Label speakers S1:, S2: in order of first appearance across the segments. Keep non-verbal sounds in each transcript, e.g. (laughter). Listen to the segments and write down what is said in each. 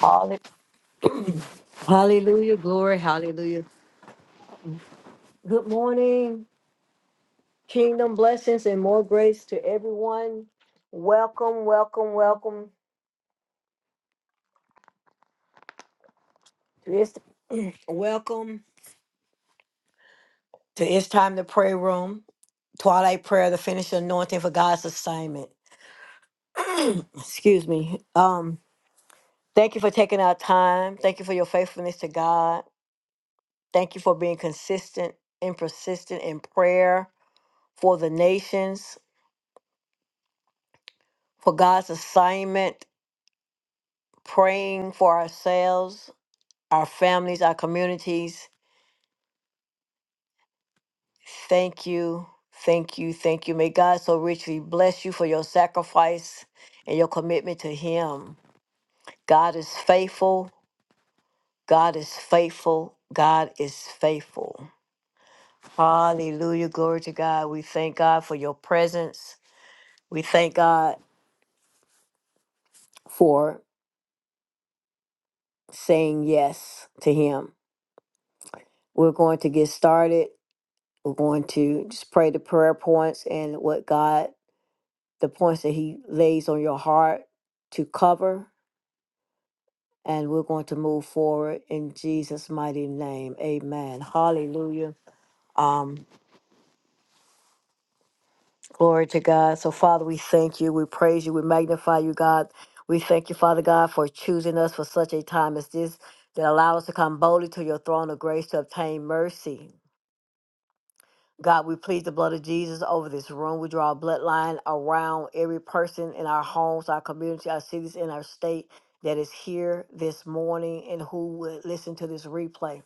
S1: Hall- Hallelujah, glory, hallelujah. Good morning, kingdom blessings and more grace to everyone. Welcome, welcome, welcome to this. (clears throat) Welcome to It's Time to Pray Room, Twilight Prayer, the finished anointing for God's assignment. Excuse me. Um, thank you for taking our time. Thank you for your faithfulness to God. Thank you for being consistent and persistent in prayer for the nations, for God's assignment praying for ourselves, our families, our communities. Thank you, thank you, thank you. May God so richly bless you for your sacrifice and your commitment to Him. God is faithful. God is faithful. God is faithful. Hallelujah. Glory to God. We thank God for your presence. We thank God for saying yes to Him. We're going to get started. We're going to just pray the prayer points and what God the points that he lays on your heart to cover. And we're going to move forward in Jesus' mighty name. Amen. Hallelujah. Um, glory to God. So, Father, we thank you. We praise you. We magnify you, God. We thank you, Father God, for choosing us for such a time as this that allow us to come boldly to your throne of grace to obtain mercy. God, we plead the blood of Jesus over this room. We draw a bloodline around every person in our homes, our community, our cities, and our state that is here this morning and who will listen to this replay.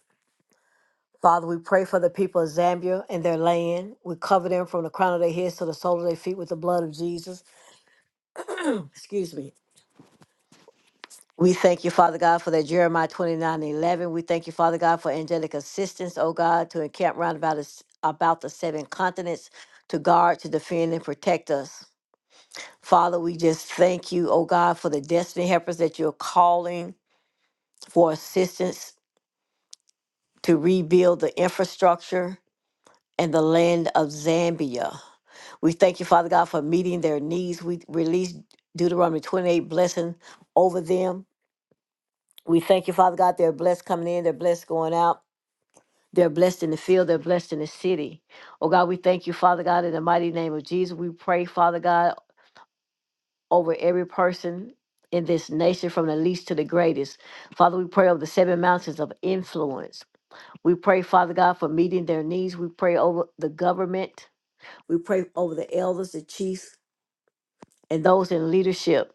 S1: Father, we pray for the people of Zambia and their land. We cover them from the crown of their heads to the sole of their feet with the blood of Jesus. Excuse me. We thank you, Father God, for that Jeremiah 29 and 11. We thank you, Father God, for angelic assistance, oh God, to encamp round about, us, about the seven continents, to guard, to defend, and protect us. Father, we just thank you, oh God, for the destiny helpers that you're calling for assistance to rebuild the infrastructure and the land of Zambia. We thank you, Father God, for meeting their needs. We release Deuteronomy 28 blessing over them. We thank you, Father God, they're blessed coming in, they're blessed going out. They're blessed in the field. They're blessed in the city. Oh God, we thank you, Father God, in the mighty name of Jesus. We pray, Father God. over every person in this nation from the least to the greatest. Father, we pray over the seven mountains of influence. We pray, Father God, for meeting their needs. We pray over the government. We pray over the elders, the chiefs, and those in leadership.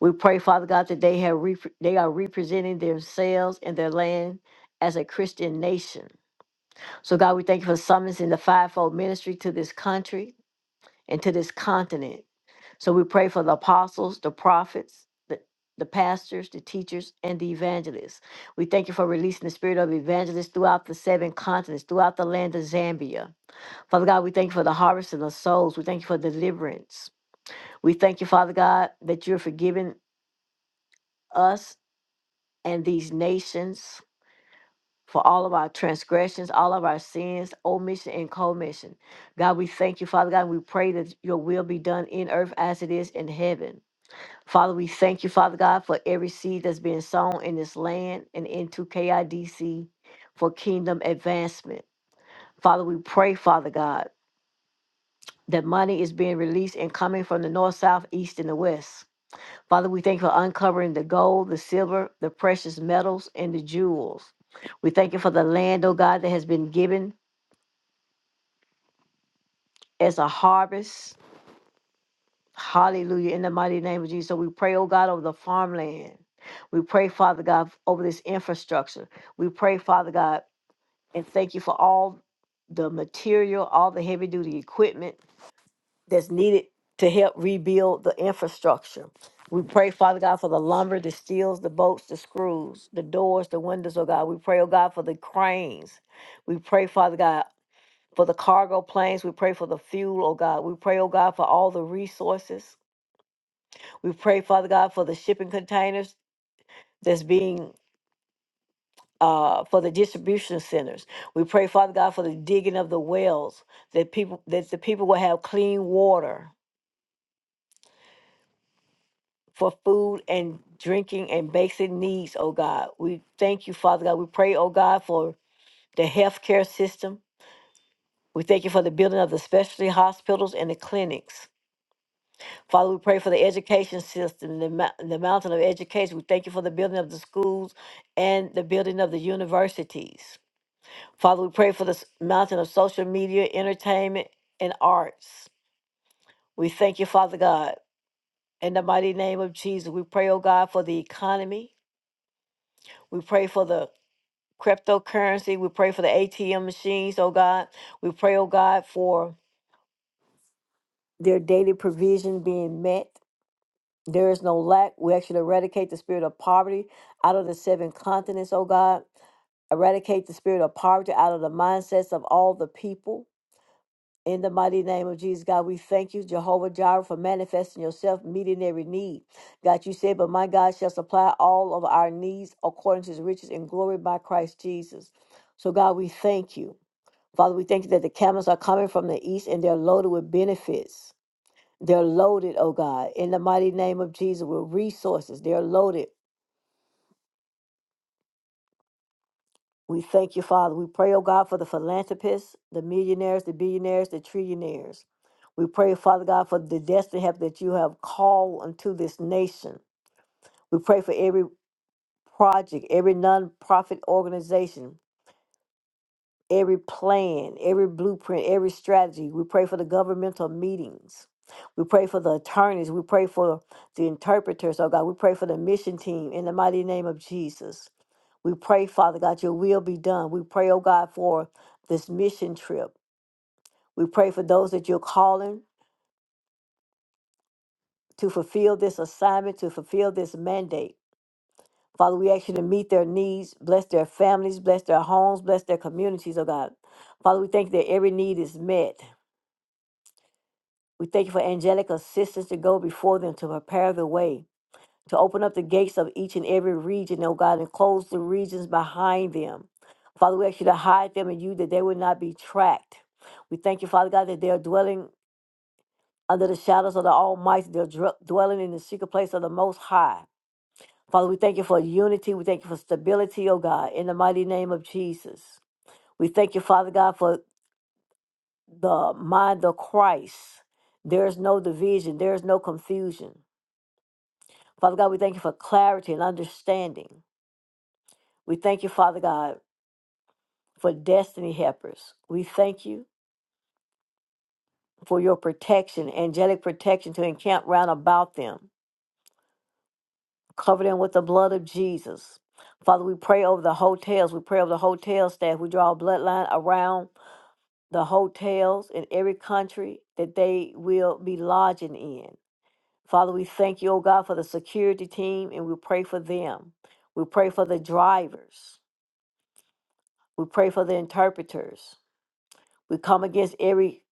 S1: We pray, Father God, that they have rep- they are representing themselves and their land as a Christian nation. So God, we thank you for summons in the fivefold ministry to this country. and to this continent. So we pray for the apostles, the prophets, the, the pastors, the teachers, and the evangelists. We thank you for releasing the spirit of evangelists throughout the seven continents, throughout the land of Zambia. Father God, we thank you for the harvest of the souls. We thank you for deliverance. We thank you, Father God, that you're forgiving us and these nations. For all of our transgressions, all of our sins, omission and commission. God, we thank you, Father God, and we pray that your will be done in earth as it is in heaven. Father, we thank you, Father God, for every seed that's being sown in this land and into KIDC for kingdom advancement. Father, we pray, Father God, that money is being released and coming from the north, south, east, and the west. Father, we thank you for uncovering the gold, the silver, the precious metals, and the jewels. We thank you for the land, oh God, that has been given as a harvest Hallelujah. In the mighty name of Jesus. So we pray, oh God, over the farmland. We pray, Father God, over this infrastructure. We pray, Father God, and thank you for all the material, all the heavy duty equipment that's needed to help rebuild the infrastructure. We pray, Father God, for the lumber, the steels, the bolts, the screws, the doors, the windows, oh God. We pray, oh God, for the cranes. We pray, Father God, for the cargo planes. We pray for the fuel, oh God. We pray, oh God, for all the resources. We pray, Father God, for the shipping containers that's being uh, for the distribution centers. We pray, Father God, for the digging of the wells that people that the people will have clean water for food and drinking and basic needs, oh God. We thank you, Father God. We pray, oh God, for the healthcare system. We thank you for the building of the specialty hospitals and the clinics. Father, we pray for the education system, the, mou- the mountain of education. We thank you for the building of the schools and the building of the universities. Father, we pray for this mountain of social media, entertainment, and arts. We thank you, Father God. In the mighty name of Jesus, we pray, oh God, for the economy. We pray for the cryptocurrency. We pray for the ATM machines, oh God. We pray, oh God, for their daily provision being met. There is no lack. We actually eradicate the spirit of poverty out of the seven continents, oh God. Eradicate the spirit of poverty out of the mindsets of all the people. In the mighty name of Jesus, God, we thank you, Jehovah Jireh, for manifesting yourself, meeting every need. God, you said, But my God shall supply all of our needs according to his riches and glory by Christ Jesus. So, God, we thank you. Father, we thank you that the camels are coming from the east and they're loaded with benefits. They're loaded, oh God, in the mighty name of Jesus with resources. They're loaded We thank you, Father. We pray, oh God, for the philanthropists, the millionaires, the billionaires, the trillionaires. We pray, Father God, for the destiny help that you have called unto this nation. We pray for every project, every nonprofit organization every plan, every blueprint, every strategy. We pray for the governmental meetings. We pray for the attorneys. We pray for the interpreters, oh God. We pray for the mission team in the mighty name of Jesus. We pray, Father God, your will be done. We pray, oh God, for this mission trip. We pray for those that you're calling to fulfill this assignment, to fulfill this mandate. Father, we ask you to meet their needs, bless their families, bless their homes, bless their communities, oh God. Father, we thank you that every need is met. We thank you for angelic assistance to go before them to prepare the way, to open up the gates of each and every region, oh God, and close the regions behind them. Father, we ask you to hide them in you that they would not be tracked. We thank you, Father God, that they are dwelling under the shadows of the Almighty. They're dr- dwelling in the secret place of the Most High. Father, we thank you for unity. We thank you for stability, oh God, in the mighty name of Jesus. We thank you, Father God, for the mind of Christ. There is no division, there is no confusion. Father God, we thank you for clarity and understanding. We thank you, Father God, for destiny helpers. We thank you for your protection, angelic protection to encamp round about them. Cover them with the blood of Jesus. Father, we pray over the hotels. We pray over the hotel staff. We draw a bloodline around the hotels in every country that they will be lodging in. Father, we thank you, oh God, for the security team and we pray for them. We pray for the drivers. We pray for the interpreters. We come against every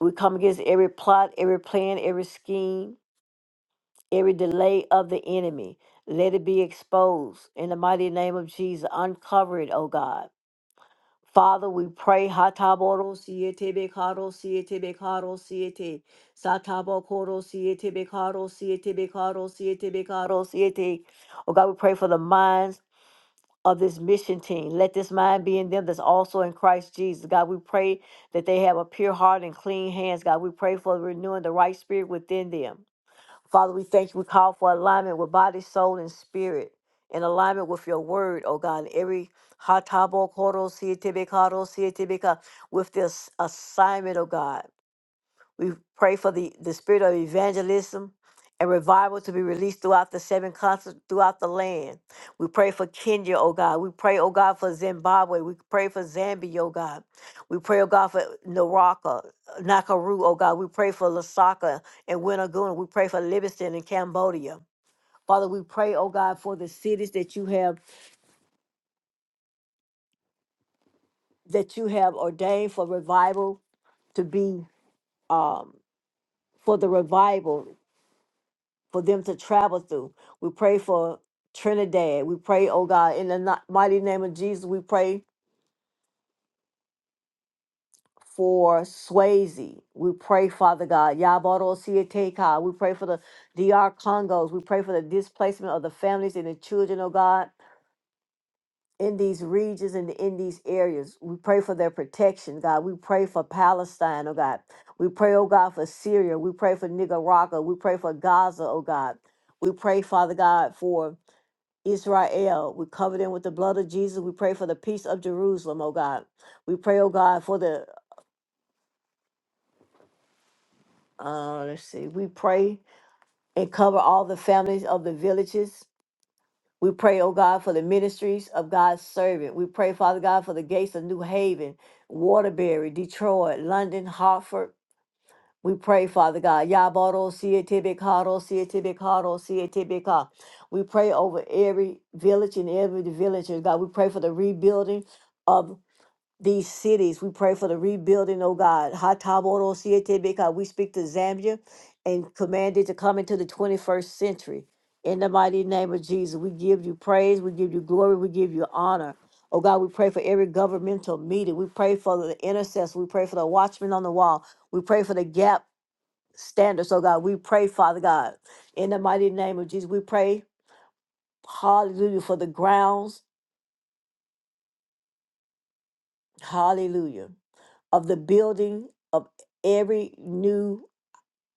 S1: we come against every plot, every plan, every scheme, every delay of the enemy. Let it be exposed in the mighty name of Jesus. Uncover it, O God. Father, we pray. Hataboro siete bekaro siete bekaro siete. Satabo koro siete bekaro siete bekaro siete bekaro siete. Oh God, we pray for the minds of this mission team. Let this mind be in them that's also in Christ Jesus. God, we pray that they have a pure heart and clean hands. God, we pray for renewing the right spirit within them. Father, we thank you. We call for alignment with body, soul, and spirit. In alignment with your word, oh God, in every hatabo koro sietebe karo sietebe ka- with this assignment, oh God. We pray for the, the spirit of evangelism and revival to be released throughout the seven continents, throughout the land. We pray for Kenya, oh God. We pray, oh God, for Zimbabwe. We pray for Zambia, oh God. We pray, oh God, for Naraka, Nakaru, oh God. We pray for Lasaka and Winaguna. We pray for Livingston and Cambodia. Father, we pray, oh God, for the cities that you have that you have ordained for revival to be um, for the revival for them to travel through. We pray for Trinidad. We pray, oh God, in the ni- mighty name of Jesus, we pray for Swayze. We pray, Father God, Yaboro Siateka. We pray for the DR Congos. We pray for the displacement of the families and the children, oh God, in these regions and in these areas. We pray for their protection, God. We pray for Palestine, oh God. We pray, oh God, for Syria. We pray for Nicaragua. We pray for Gaza, oh God. We pray, Father God, for Israel. We cover them with the blood of Jesus. We pray for the peace of Jerusalem, oh God. We pray, oh God, for the, uh, let's see, we pray and cover all the families of the villages. We pray, oh God, for the ministries of God's servant. We pray, Father God, for the gates of New Haven, Waterbury, Detroit, London, Hartford. We pray, Father God, Yabaro, Sietibikaro, Sietibikaro, Sietibika. We pray over every village and every villager, God. We pray for the rebuilding of. these cities. We pray for the rebuilding, oh God. Hataboro siete beka. We speak to Zambia and command it to come into the 21st century. In the mighty name of Jesus, we give you praise, we give you glory, we give you honor. Oh God, we pray for every governmental meeting. We pray for the intercessor. We pray for the watchman on the wall. We pray for the gap standards. Oh God, we pray, Father God, in the mighty name of Jesus. We pray, hallelujah, for the grounds. Hallelujah of the building of every new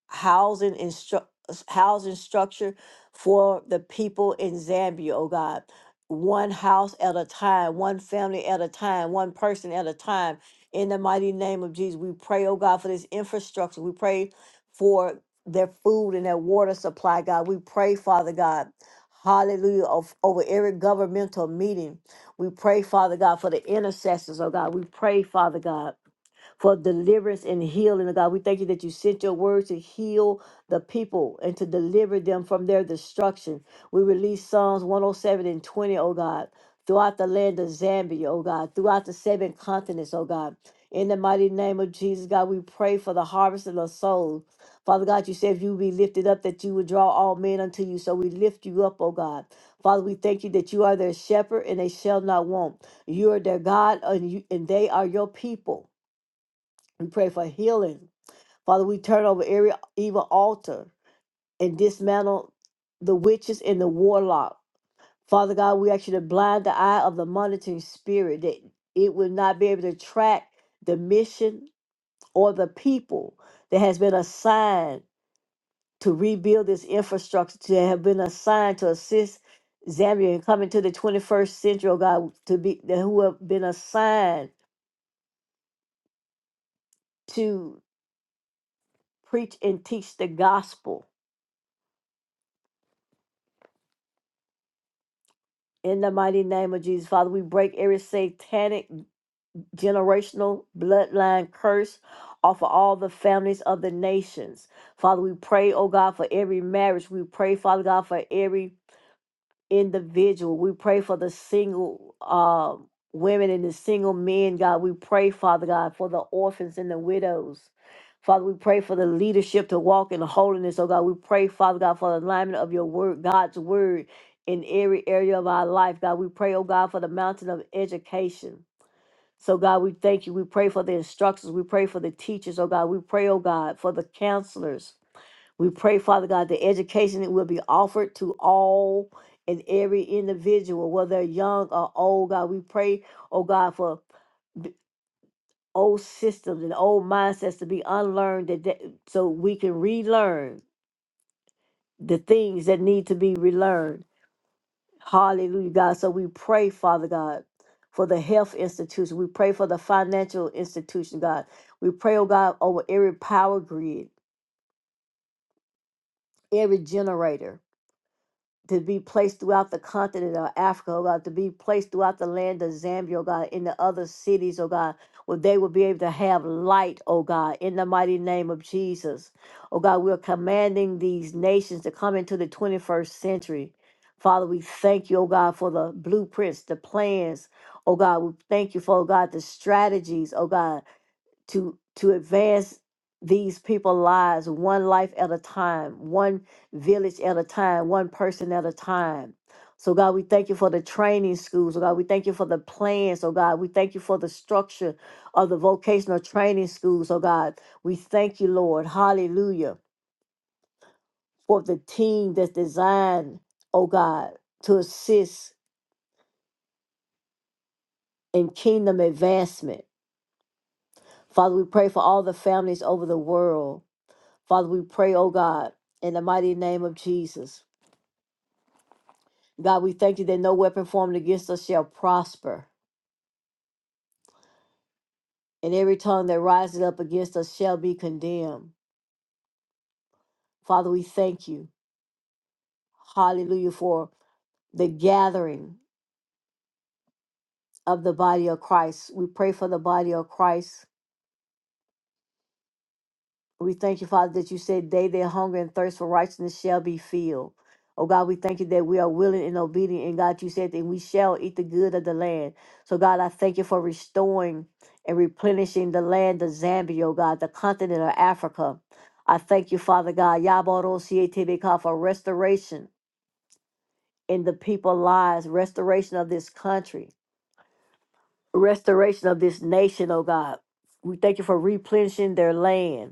S1: housing and stru- housing structure for the people in Zambia, oh God. One house at a time, one family at a time, one person at a time. In the mighty name of Jesus, we pray, oh God, for this infrastructure. We pray for their food and their water supply, God. We pray, Father God, hallelujah, of, over every governmental meeting. We pray, Father God, for the intercessors, oh God. We pray, Father God for deliverance and healing, oh God. We thank you that you sent your word to heal the people and to deliver them from their destruction. We release Psalms 107 and 20, oh God, throughout the land of Zambia, oh God, throughout the seven continents, oh God. In the mighty name of Jesus, God, we pray for the harvest of the soul. Father God, you said if you be lifted up, that you would draw all men unto you. So we lift you up, oh God. Father, we thank you that you are their shepherd and they shall not want. You are their God and, you, and they are your people. We pray for healing. Father, we turn over every evil altar and dismantle the witches and the warlock. Father God, we ask you to blind the eye of the monitoring spirit that it will not be able to track the mission or the people that has been assigned to rebuild this infrastructure, to have been assigned to assist Zambia in coming to the 21st century, oh God, to be who have been assigned to preach and teach the gospel In the mighty name of Jesus, Father, we break every satanic generational bloodline curse off of all the families of the nations. Father, we pray, oh God, for every marriage. We pray, Father God, for every individual. We pray for the single uh, women and the single men, God. We pray, Father God, for the orphans and the widows. Father, we pray for the leadership to walk in holiness, oh God. We pray, Father God, for the alignment of your word, God's word in every area of our life, God. We pray, oh God, for the mountain of education. So, God, we thank you. We pray for the instructors. We pray for the teachers, oh God. We pray, oh God, for the counselors. We pray, Father God, the education that will be offered to all and every individual, whether they're young or old, God. We pray, oh God, for the old systems and old mindsets to be unlearned that, that so we can relearn the things that need to be relearned. Hallelujah, God. So we pray, Father God, for the health institution. We pray for the financial institution, God. We pray, oh God, over every power grid, every generator to be placed throughout the continent of Africa, oh God, to be placed throughout the land of Zambia, oh God, in the other cities, oh God, where they will be able to have light, oh God, in the mighty name of Jesus. Oh God, we're commanding these nations to come into the 21st century. Father, we thank you, oh God, for the blueprints, the plans, oh God. We thank you for, oh God, the strategies, oh God to to advance these people's lives one life at a time one village at a time one person at a time so god we thank you for the training schools oh god we thank you for the plans oh god we thank you for the structure of the vocational training schools oh god we thank you lord hallelujah for the team that's designed oh god to assist in kingdom advancement father we pray for all the families over the world Father, we pray, oh God, in the mighty name of Jesus. God, we thank you that no weapon formed against us shall prosper, and every tongue that rises up against us shall be condemned. Father, we thank you. Hallelujah for the gathering of the body of Christ. We pray for the body of Christ We thank you, Father, that you said they that hunger and thirst for righteousness shall be filled. Oh God, we thank you that we are willing and obedient. And God, you said that we shall eat the good of the land. So God, I thank you for restoring and replenishing the land of Zambia, oh God, the continent of Africa. I thank you, Father God, Yabarosietebeka, for restoration in the people's lives, restoration of this country, restoration of this nation, oh God. We thank you for replenishing their land.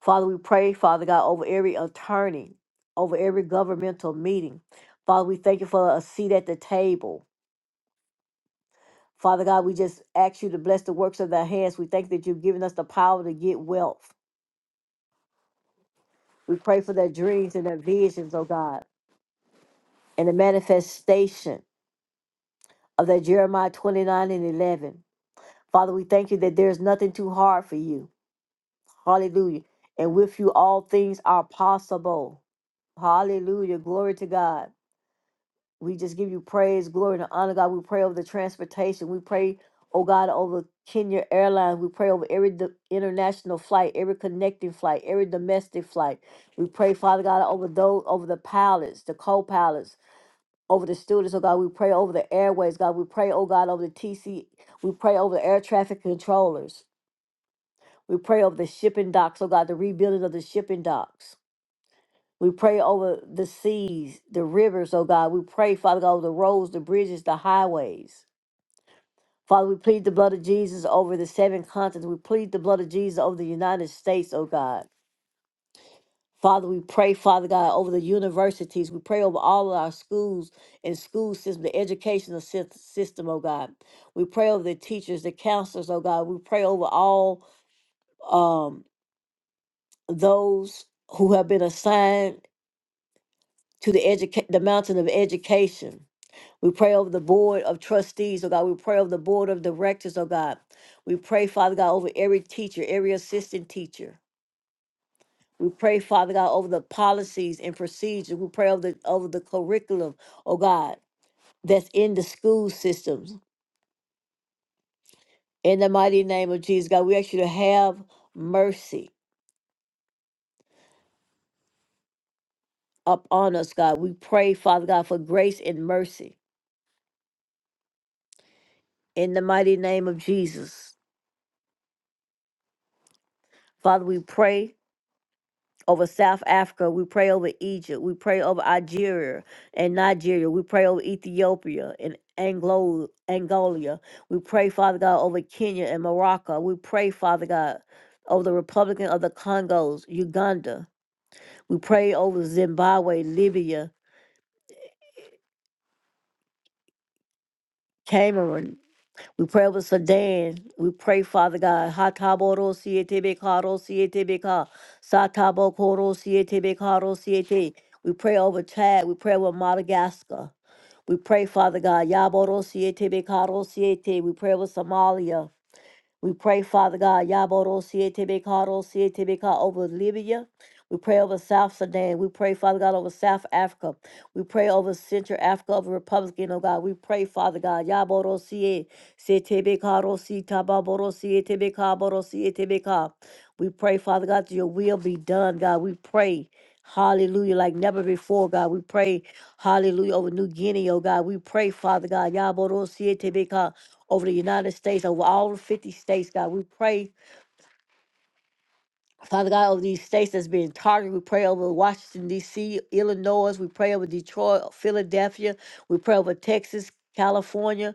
S1: Father, we pray, Father God, over every attorney, over every governmental meeting. Father, we thank you for a seat at the table. Father God, we just ask you to bless the works of their hands. We thank that you've given us the power to get wealth. We pray for their dreams and their visions, oh God, and the manifestation of that Jeremiah 29 and 11. Father, we thank you that there's nothing too hard for you. Hallelujah. And with you, all things are possible. Hallelujah. Glory to God. We just give you praise, glory, and honor, God. We pray over the transportation. We pray, oh God, over Kenya Airlines. We pray over every do- international flight, every connecting flight, every domestic flight. We pray, Father God, over those, over the pilots, the co-pilots, over the students, oh God. We pray over the airways, God. We pray, oh God, over the TC. We pray over the air traffic controllers. We pray over the shipping docks, oh God, the rebuilding of the shipping docks. We pray over the seas, the rivers, oh God. We pray, Father God, over the roads, the bridges, the highways. Father, we plead the blood of Jesus over the seven continents. We plead the blood of Jesus over the United States, oh God. Father, we pray, Father God, over the universities. We pray over all of our schools and school system, the educational sys- system, oh God. We pray over the teachers, the counselors, oh God. We pray over all um, those who have been assigned to the educa- the mountain of education. We pray over the board of trustees, oh God. We pray over the board of directors, oh God. We pray, Father God, over every teacher, every assistant teacher. We pray, Father God, over the policies and procedures. We pray over the over the curriculum, oh God, that's in the school systems. In the mighty name of Jesus, God, we ask you to have mercy upon us, God. We pray, Father God, for grace and mercy. In the mighty name of Jesus. Father, we pray. over South Africa. We pray over Egypt. We pray over Algeria and Nigeria. We pray over Ethiopia and Anglo Angola. We pray, Father God, over Kenya and Morocco. We pray, Father God, over the Republic of the Congos, Uganda. We pray over Zimbabwe, Libya, Cameroon, We pray over Sudan. We pray, Father God. Hataboro siete karo siete beka. Satabo koro siete karo siete. We pray over Chad. We pray over Madagascar. We pray, Father God. Yaboro siete karo siete. We pray over Somalia. We pray, Father God, Yaboro Sietebekaro Sietebeka over Libya. We pray over South Sudan. We pray, Father God, over South Africa. We pray over Central Africa, over Republican, oh God. We pray, Father God, Yaboro Sie Sietebekaro Sitababoro Sietebekaboro Sietebeka. We pray, Father God, that your will be done, God. We pray. Hallelujah, like never before, God. We pray, hallelujah, over New Guinea, oh God. We pray, Father God, Yaboro Siete Ka over the United States, over all the 50 states, God. We pray, Father God, over these states that's being targeted. We pray over Washington, D.C., Illinois. We pray over Detroit, Philadelphia. We pray over Texas, California,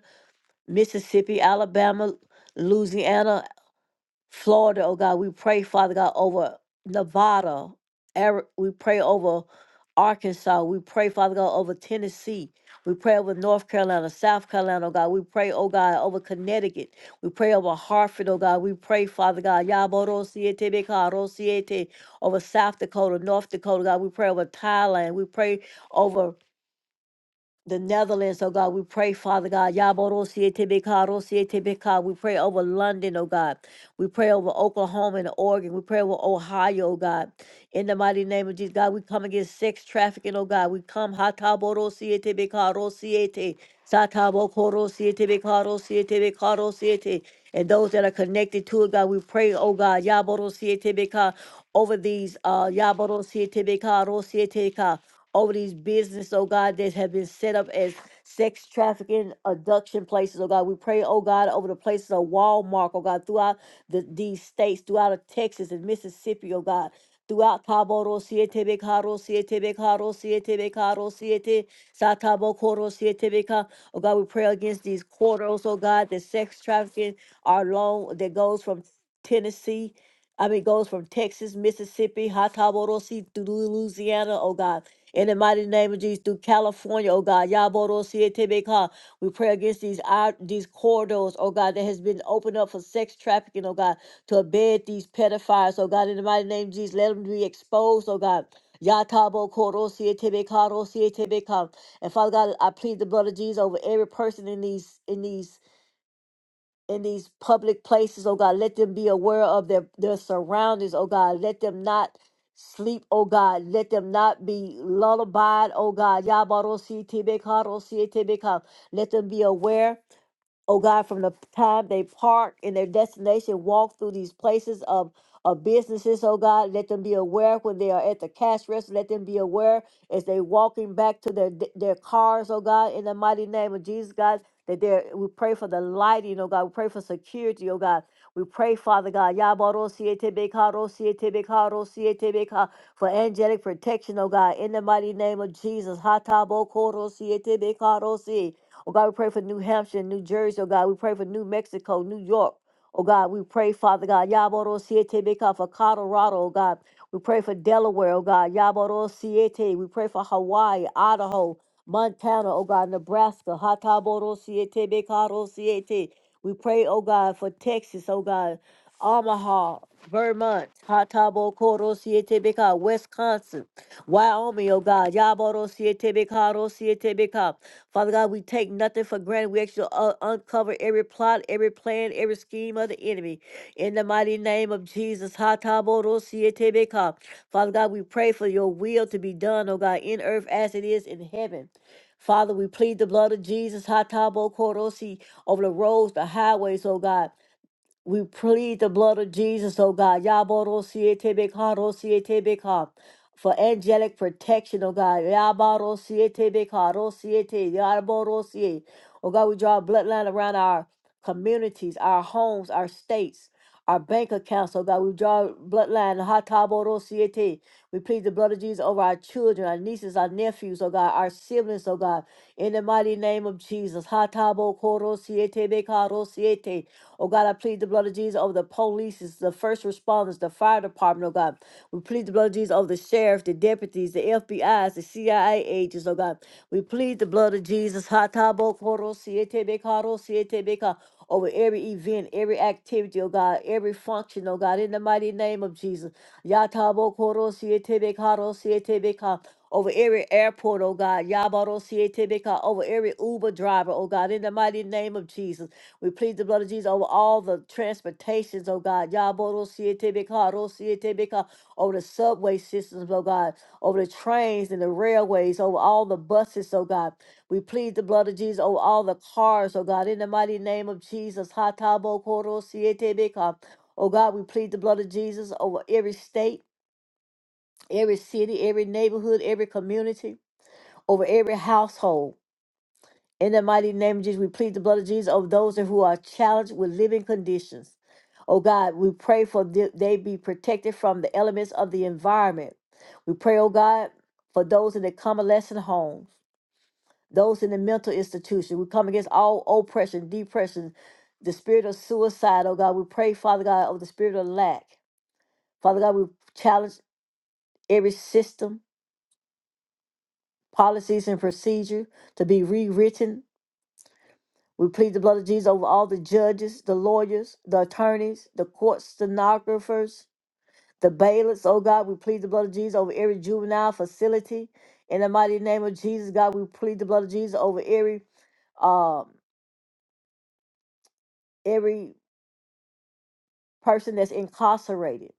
S1: Mississippi, Alabama, Louisiana. Florida, oh God. We pray, Father God, over Nevada. Ari- We pray over Arkansas. We pray, Father God, over Tennessee. We pray over North Carolina, South Carolina, oh God. We pray, oh God, over Connecticut. We pray over Hartford, oh God. We pray, Father God, Yaboro Siete Bekaro over South Dakota, North Dakota, God. We pray over Thailand. We pray over the Netherlands, oh God. We pray, Father God. Yaboro Sietibika, We pray over London, oh God. We pray over Oklahoma and Oregon. We pray over Ohio, oh God. In the mighty name of Jesus, God, we come against sex trafficking, oh God. We come Hataboro Rosiete. Sataboko Rosietibika, Rosiete. And those that are connected to it, God, we pray, oh God, Yaboro over these, uh, Yaboro Sietibika, over these business, oh God, that have been set up as sex trafficking, abduction places, oh God. We pray, oh God, over the places of Walmart, oh God, throughout the, these states, throughout of Texas and Mississippi, oh God. Throughout Cabo Ro Siete Becaro Siete Becaro Siete Becaro Siete Satabo Coro Siete Beca. Oh God, we pray against these quarters, oh God, that sex trafficking are long that goes from Tennessee I mean, goes from Texas, Mississippi, Hot Top, through Louisiana, oh God. In the mighty name of Jesus, through California, oh God, Yaboro Sietebeka, we pray against these out these corridors, oh God, that has been opened up for sex trafficking, oh God, to abet these pedophiles, oh God, in the mighty name of Jesus, let them be exposed, oh God. Yatabo Koro Sietebeka, Ro Sietebeka. And Father God, I plead the blood of Jesus over every person in these in these in these public places, oh God. Let them be aware of their, their surroundings, oh God. Let them not sleep, oh God. Let them not be lullabied, oh God. Yabarosietebeka, rosietebeka. Let them be aware oh God, from the time they park in their destination, walk through these places of, of businesses, oh God, let them be aware when they are at the cash register, let them be aware as they walking back to their their cars, oh God, in the mighty name of Jesus, God, that they we pray for the lighting, oh God, we pray for security, oh God. We pray, Father God, Yabaro Sietebeka, Ro Sietebeka, Ro Sietebeka, for angelic protection, oh God, in the mighty name of Jesus. Hatabo Koro Sietebeka, Ro Si. Oh God, we pray for New Hampshire and New Jersey. Oh God, we pray for New Mexico, New York. Oh God, we pray, Father God, Yaboro Siete Beka for Colorado, oh God. We pray for Delaware, oh God, Yaboro Siete. We pray for Hawaii, Idaho, Montana, oh God, Nebraska, Hataboro Siete Bekaro Siete. We pray, oh God, for Texas, oh God, Omaha, Vermont, Hatabo Koro Siete Beka, Wisconsin, Wyoming, oh God, Yaboro Siete Bekaro Siete Beka. Father God, we take nothing for granted. We actually uh, uncover every plot, every plan, every scheme of the enemy. In the mighty name of Jesus, Hatabodo-sietebeka. Father God, we pray for your will to be done, oh God, in earth as it is in heaven. Father, we plead the blood of Jesus, Hatabodo-si, over the roads, the highways, oh God. We plead the blood of Jesus, oh God. Yaborosietebeka, For angelic protection, oh God. Yaborosietebeka, rosiete, yaborosie. Oh God, we draw a bloodline around our communities, our homes, our states, our bank accounts, oh God. We draw a bloodline. Hataborosiete. We plead the blood of Jesus over our children, our nieces, our nephews, oh God, our siblings, oh God, in the mighty name of Jesus. Hatabo koro siete bekaro siete. Oh God, I plead the blood of Jesus over the police, the first responders, the fire department, oh God. We plead the blood of Jesus over the sheriff, the deputies, the FBIs, the CIA agents, oh God. We plead the blood of Jesus. Hatabo koro siete bekaro siete beka over every event, every activity, oh God, every function, oh God, in the mighty name of Jesus. Yatabo koro siete bekaro siete beka over every airport, oh God. Yabaro siete beka over every Uber driver, oh God, in the mighty name of Jesus. We plead the blood of Jesus over all the transportations, oh God. Yaboro Sietebeka, Rosietebeka, over the subway systems, oh God, over the trains and the railways, over all the buses, oh God. We plead the blood of Jesus over all the cars, oh God, in the mighty name of Jesus. Hatabo Koro Sietebeka. Oh God, we plead the blood of Jesus over every state, every city, every neighborhood, every community, over every household. In the mighty name of Jesus, we plead the blood of Jesus over those who are challenged with living conditions. Oh God, we pray for th- they be protected from the elements of the environment. We pray, oh God, for those in the convalescent homes, those in the mental institution. We come against all oppression, depression, the spirit of suicide. Oh God, we pray, Father God, over the spirit of lack. Father God, we challenge every system, policies, and procedure to be rewritten We plead the blood of Jesus over all the judges, the lawyers, the attorneys, the court stenographers, the bailiffs. Oh God, we plead the blood of Jesus over every juvenile facility. In the mighty name of Jesus, God, we plead the blood of Jesus over every um every person that's incarcerated.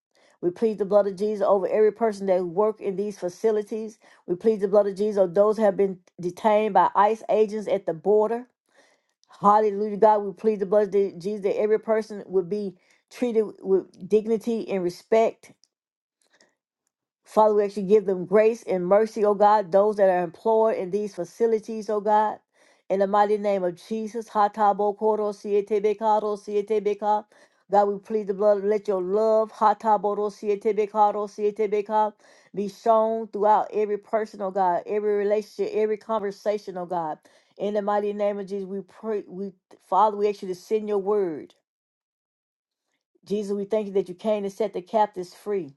S1: We plead the blood of Jesus over every person that work in these facilities. We plead the blood of Jesus over those who have been detained by ICE agents at the border. Hallelujah, God. We plead the blood of Jesus that every person would be treated with dignity and respect Father, we actually give them grace and mercy, oh God, those that are employed in these facilities, oh God. In the mighty name of Jesus, Hatabo Koro Sietebekaro Sietebeka. God, we plead the blood. Let your love, Hataboro Sietebekaro Sietebeka, be shown throughout every person, oh God, every relationship, every conversation, oh God. In the mighty name of Jesus, we pray, we Father, we ask you to send your word. Jesus, we thank you that you came to set the captives free.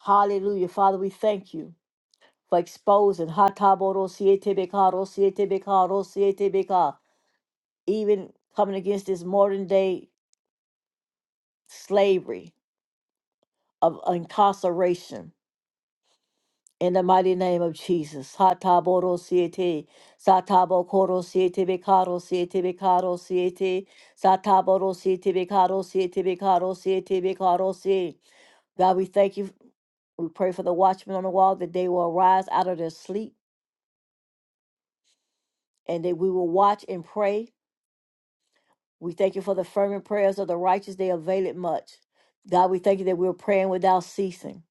S1: Hallelujah. Father, we thank you. like spousing hataboro siete bekaro siete bekaro siete beka, even coming against this modern day slavery of incarceration. In the mighty name of Jesus, hataboro siete, satabo koro siete bekaro siete bekaro siete, sataboro siete bekaro siete bekaro siete bekaro siete. God, we thank you. We pray for the watchmen on the wall that they will arise out of their sleep and that we will watch and pray We thank you for the fervent prayers of the righteous. They avail it much. God, we thank you that we're praying without ceasing.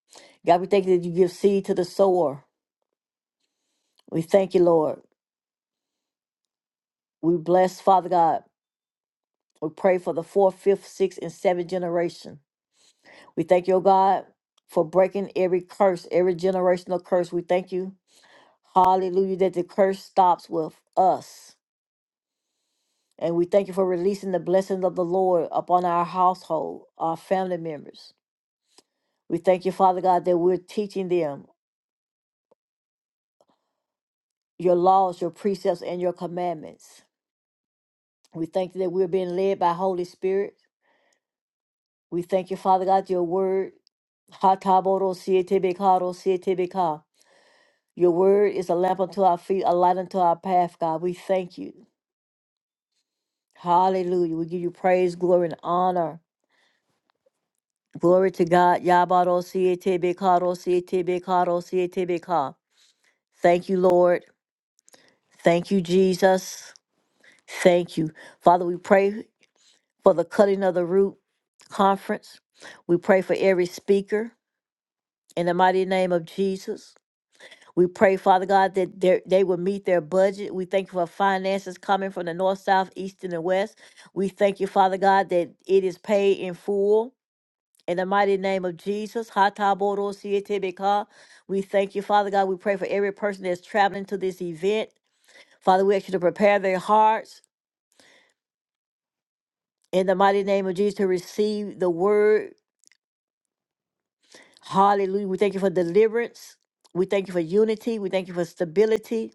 S1: God, we thank you that you give seed to the sower. We thank you, Lord. We bless, Father God. We pray for the fourth, fifth, sixth, and seventh generation. We thank you, O God, for breaking every curse, every generational curse. We thank you, hallelujah, that the curse stops with us. And we thank you for releasing the blessings of the Lord upon our household, our family members. We thank you, Father God, that we're teaching them. your laws, your precepts, and your commandments. We thank you that we're being led by Holy Spirit. We thank you, Father God, your word. Hataboro sietebekaro sietebeka. Your word is a lamp unto our feet, a light unto our path, God. We thank you. Hallelujah. We give you praise, glory, and honor. Glory to God. Yabaro sietebekaro sietebekaro sietebeka. Thank you, Lord. Thank you, Jesus. Thank you. Father, we pray. for the Cutting of the Root Conference. We pray for every speaker in the mighty name of Jesus. We pray, Father God, that they they will meet their budget. We thank you for finances coming from the north, south, east, and the west. We thank you, Father God, that it is paid in full. In the mighty name of Jesus, Hatabodosietebeka. we thank you, Father God. We pray for every person that's traveling to this event. Father, we ask you to prepare their hearts in the mighty name of Jesus to receive the word Hallelujah. We thank you for deliverance. We thank you for unity. We thank you for stability.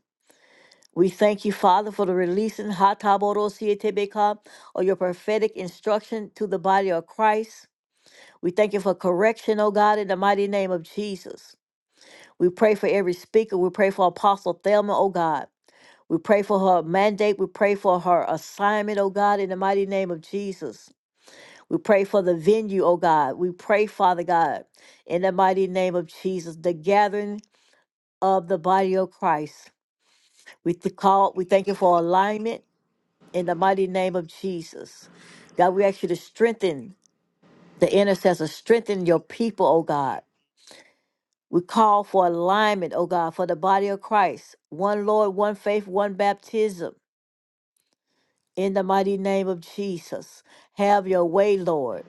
S1: We thank you, Father, for the releasing Hataborosietebeka, or your prophetic instruction to the body of Christ. We thank you for correction, O God, in the mighty name of Jesus. We pray for every speaker. We pray for Apostle Thelma, O God. We pray for her mandate. We pray for her assignment, O God, in the mighty name of Jesus. We pray for the venue, O God. We pray, Father God, in the mighty name of Jesus, the gathering of the body of Christ. We th- call, we thank you for alignment in the mighty name of Jesus. God, we ask you to strengthen the intercessor, strengthen your people, oh God. We call for alignment, oh God, for the body of Christ. One Lord, one faith, one baptism. In the mighty name of Jesus. Have your way, Lord.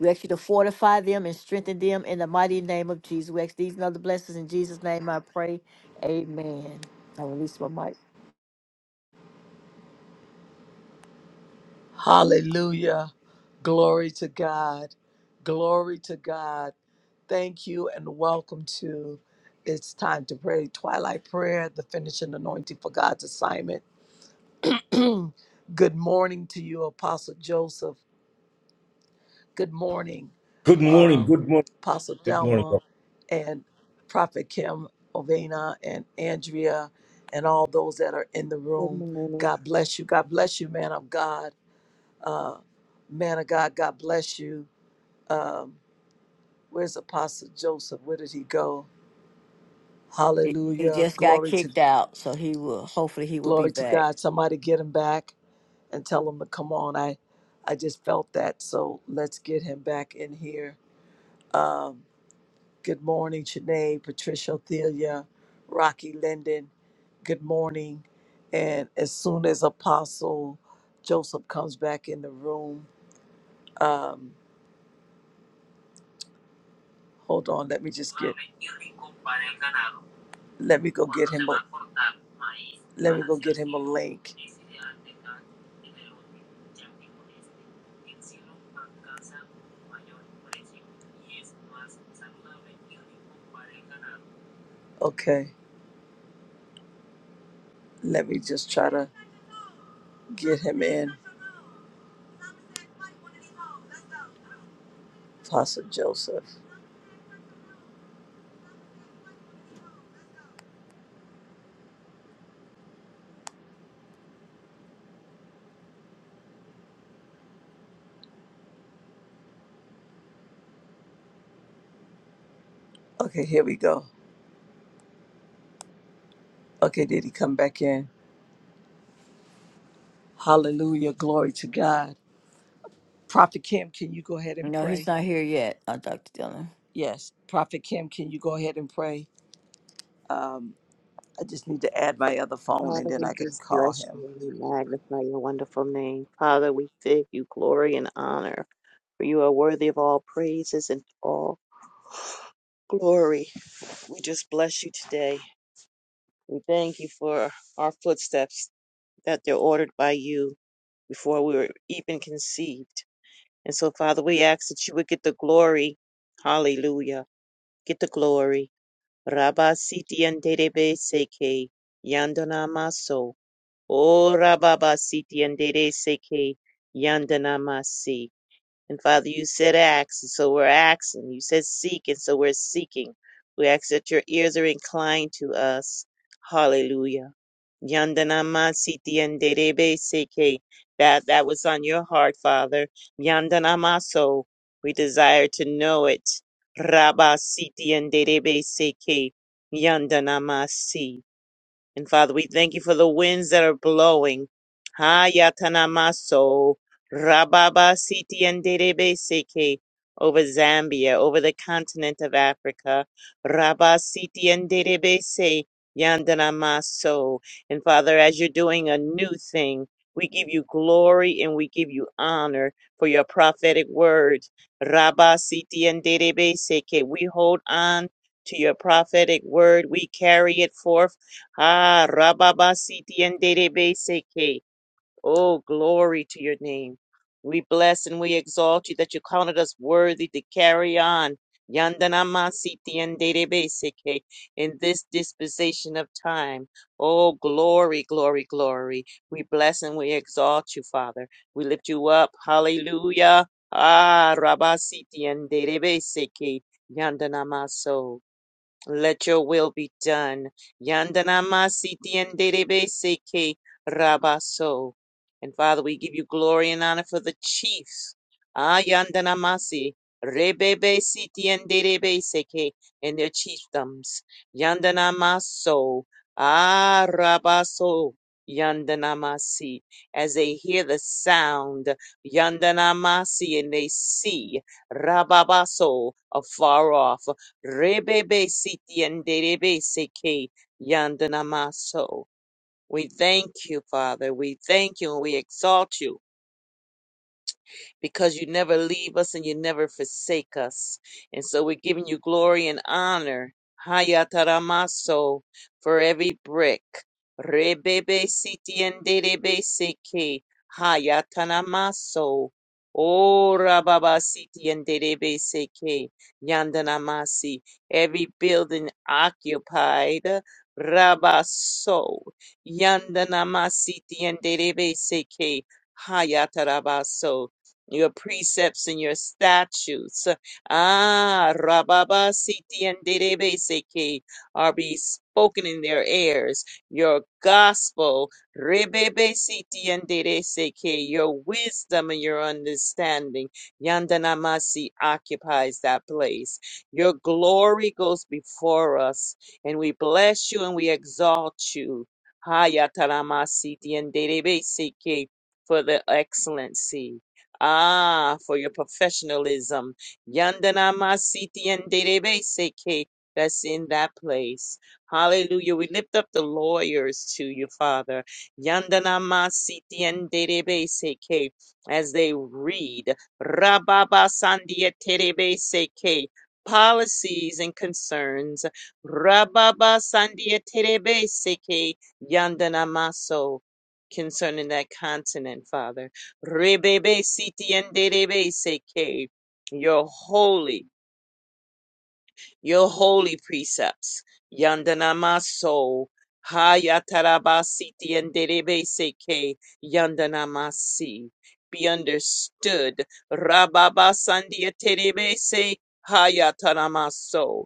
S1: We ask you to fortify them and strengthen them in the mighty name of Jesus. We ask these and other blessings in Jesus' name I pray. Amen. I release my mic.
S2: Hallelujah. Glory to God. Glory to God. Thank you and welcome to It's Time to Pray Twilight Prayer, the finishing anointing for God's assignment. (clears throat) Good morning to you, Apostle Joseph. Good morning,
S3: Good morning.
S2: um,
S3: Good morning.
S2: Apostle
S3: Good morning.
S2: Thelma
S3: doctor.
S2: and Prophet Kim Ovena and Andrea and all those that are in the
S4: Good
S2: room.
S4: morning.
S2: God bless you. God bless you, man of God. Uh, man of God, God bless you. Um, where's Apostle Joseph? Where did he go?
S1: He, he
S2: Hallelujah.
S1: just got
S2: Glory to
S1: kicked out, so he will. Hopefully, he will be
S2: glory to
S1: back.
S2: God. Somebody get him back and tell him to come on. I I just felt that. So let's get him back in here. Um, good morning, Chene, Patricia Thelia, Rocky Linden. Good morning. And as soon as Apostle Joseph comes back in the room, um, Hold on, let me just get. Let me go get him a. Let me go get him a link. Okay, let me just try to get him in. Apostle Joseph. Okay, here we go. Okay, did he come back in? Hallelujah, glory to God. Prophet Kim, can you go ahead and
S1: No, he's
S2: pray?
S1: not here yet, uh, Dr. Dillon.
S2: Yes, Prophet Kim, can you go ahead and pray? Um, I just need to add my other phone and
S4: Father,
S2: then
S4: we
S2: I can
S4: just
S2: call
S4: bless you
S2: him.
S4: and we magnify your wonderful name. Father, we give you glory and honor, for you are worthy of all praises and all glory. We just bless you today. We thank you for our footsteps, that they're ordered by you before we were even conceived. And so, Father, we ask that you would get the glory. Hallelujah. Get the glory. Rabba Siti and Dedebe Seke Yandana Maso. Ora baba siti andere seke yandana masi. And Father, you said ask, and so we're asking. You said seek, and so we're seeking. We ask that your ears are inclined to us. Hallelujah. Yandana masiti andere be seke. That that was on your heart, Father. Yandana maso. We desire to know it. Rabba siti andere be seke. Yandana masi. And Father, we thank you for the winds that are blowing. ha yatanamaso, Rababa Siti and Seke over Zambia, over the continent of Africa. Rabba Siti and se Yandanamaso. And Father, as you're doing a new thing, we give you glory and we give you honor for your prophetic word. Rabba Siti and Seke. We hold on to your prophetic word. We carry it forth Ah, Rababasiti and Seke. Oh, glory to your name. We bless and we exalt you that you counted us worthy to carry on. Yandanamasiti and Seke in this dispensation of time. Oh, glory, glory, glory. We bless and we exalt you, Father. We lift you up. Hallelujah. Ah, Rabasiti and Seke. Yandanamaso. Let your will be done. Yandanama sitienderebe seke rabaso. And Father, we give you glory and honor for the chiefs. Ah, yandanamasi. Rebebe sitienderebe seke. And their chiefdoms. Yandanamaso. Ah, rabaso. Yandanamasi. As they hear the sound. Yandanamasi. And they see. Rababaso. Afar off. Rebebe siti and derebe seke yanda namaso. We thank you, Father. We thank you and we exalt you because you never leave us and you never forsake us. And so we're giving you glory and honor. Hayataramaso for every brick. Rebebe siti enderebe seke. Hayatanamaso. Oh, Rababa siti enderebe seke. Yandanamasi. Every building occupied. Rabaso. Yandanamasiti enderebe seke. Hayatarabaso your precepts and your statutes. Ah, Rababa Siti and Derebeseke are be spoken in their ears. Your gospel, Rebebe Siti and Derebeseke, your wisdom and your understanding. Yandanamasi occupies that place. Your glory goes before us, and we bless you and we exalt you. Hayataramasi and Derebeseke for the excellency. Ah, for your professionalism. Yandanama Siti and Derebe Seke that's in that place. Hallelujah. We lift up the lawyers to you, Father. Yandanama Siti and Derebe Seke as they read Rababa Sandia Terebe Seke policies and concerns. Rababa Sandia Terebe Seke Yandanamaso concerning that continent, Father. Rebebe siti and derebe seke. Your holy, your holy precepts. Yandanamaso. Hayataraba siti and derebe seke. Yandanamasi. Be understood. Rababa sandia terebe se. Hayataramaso.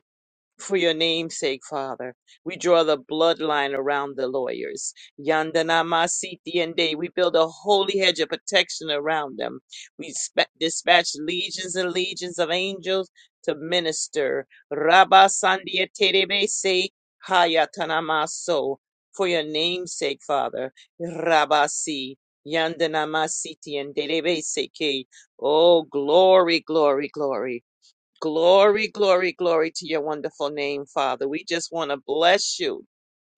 S4: For your name's sake, Father, we draw the bloodline around the lawyers. Yandanamasiti and day. We build a holy hedge of protection around them. We spa- dispatch legions and legions of angels to minister. Rabba Sandia Terebese Hayatanamaso. For your name's sake, Father. Rabasi. Yandanamasiti and Terebese. Oh, glory, glory, glory. Glory, glory, glory to your wonderful name, Father. We just want to bless you.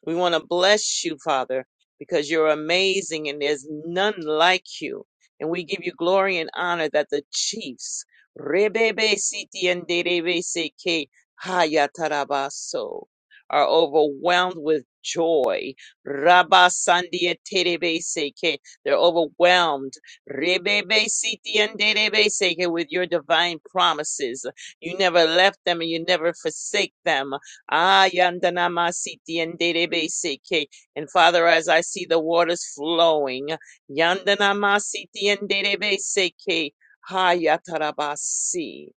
S4: We want to bless you, Father, because you're amazing and there's none like you. And we give you glory and honor that the chiefs, Rebebe Siti and Derebe Seke Hayatarabaso, are overwhelmed with joy. Rabba sandia Terebe Seke, they're overwhelmed. Rebebe Siti and Derebe Seke with your divine promises. You never left them and you never forsake them. Ah, yandana masiti and derebe seke. And Father, as I see the waters flowing, yandana masiti and derebe seke. Ha yatarabasi.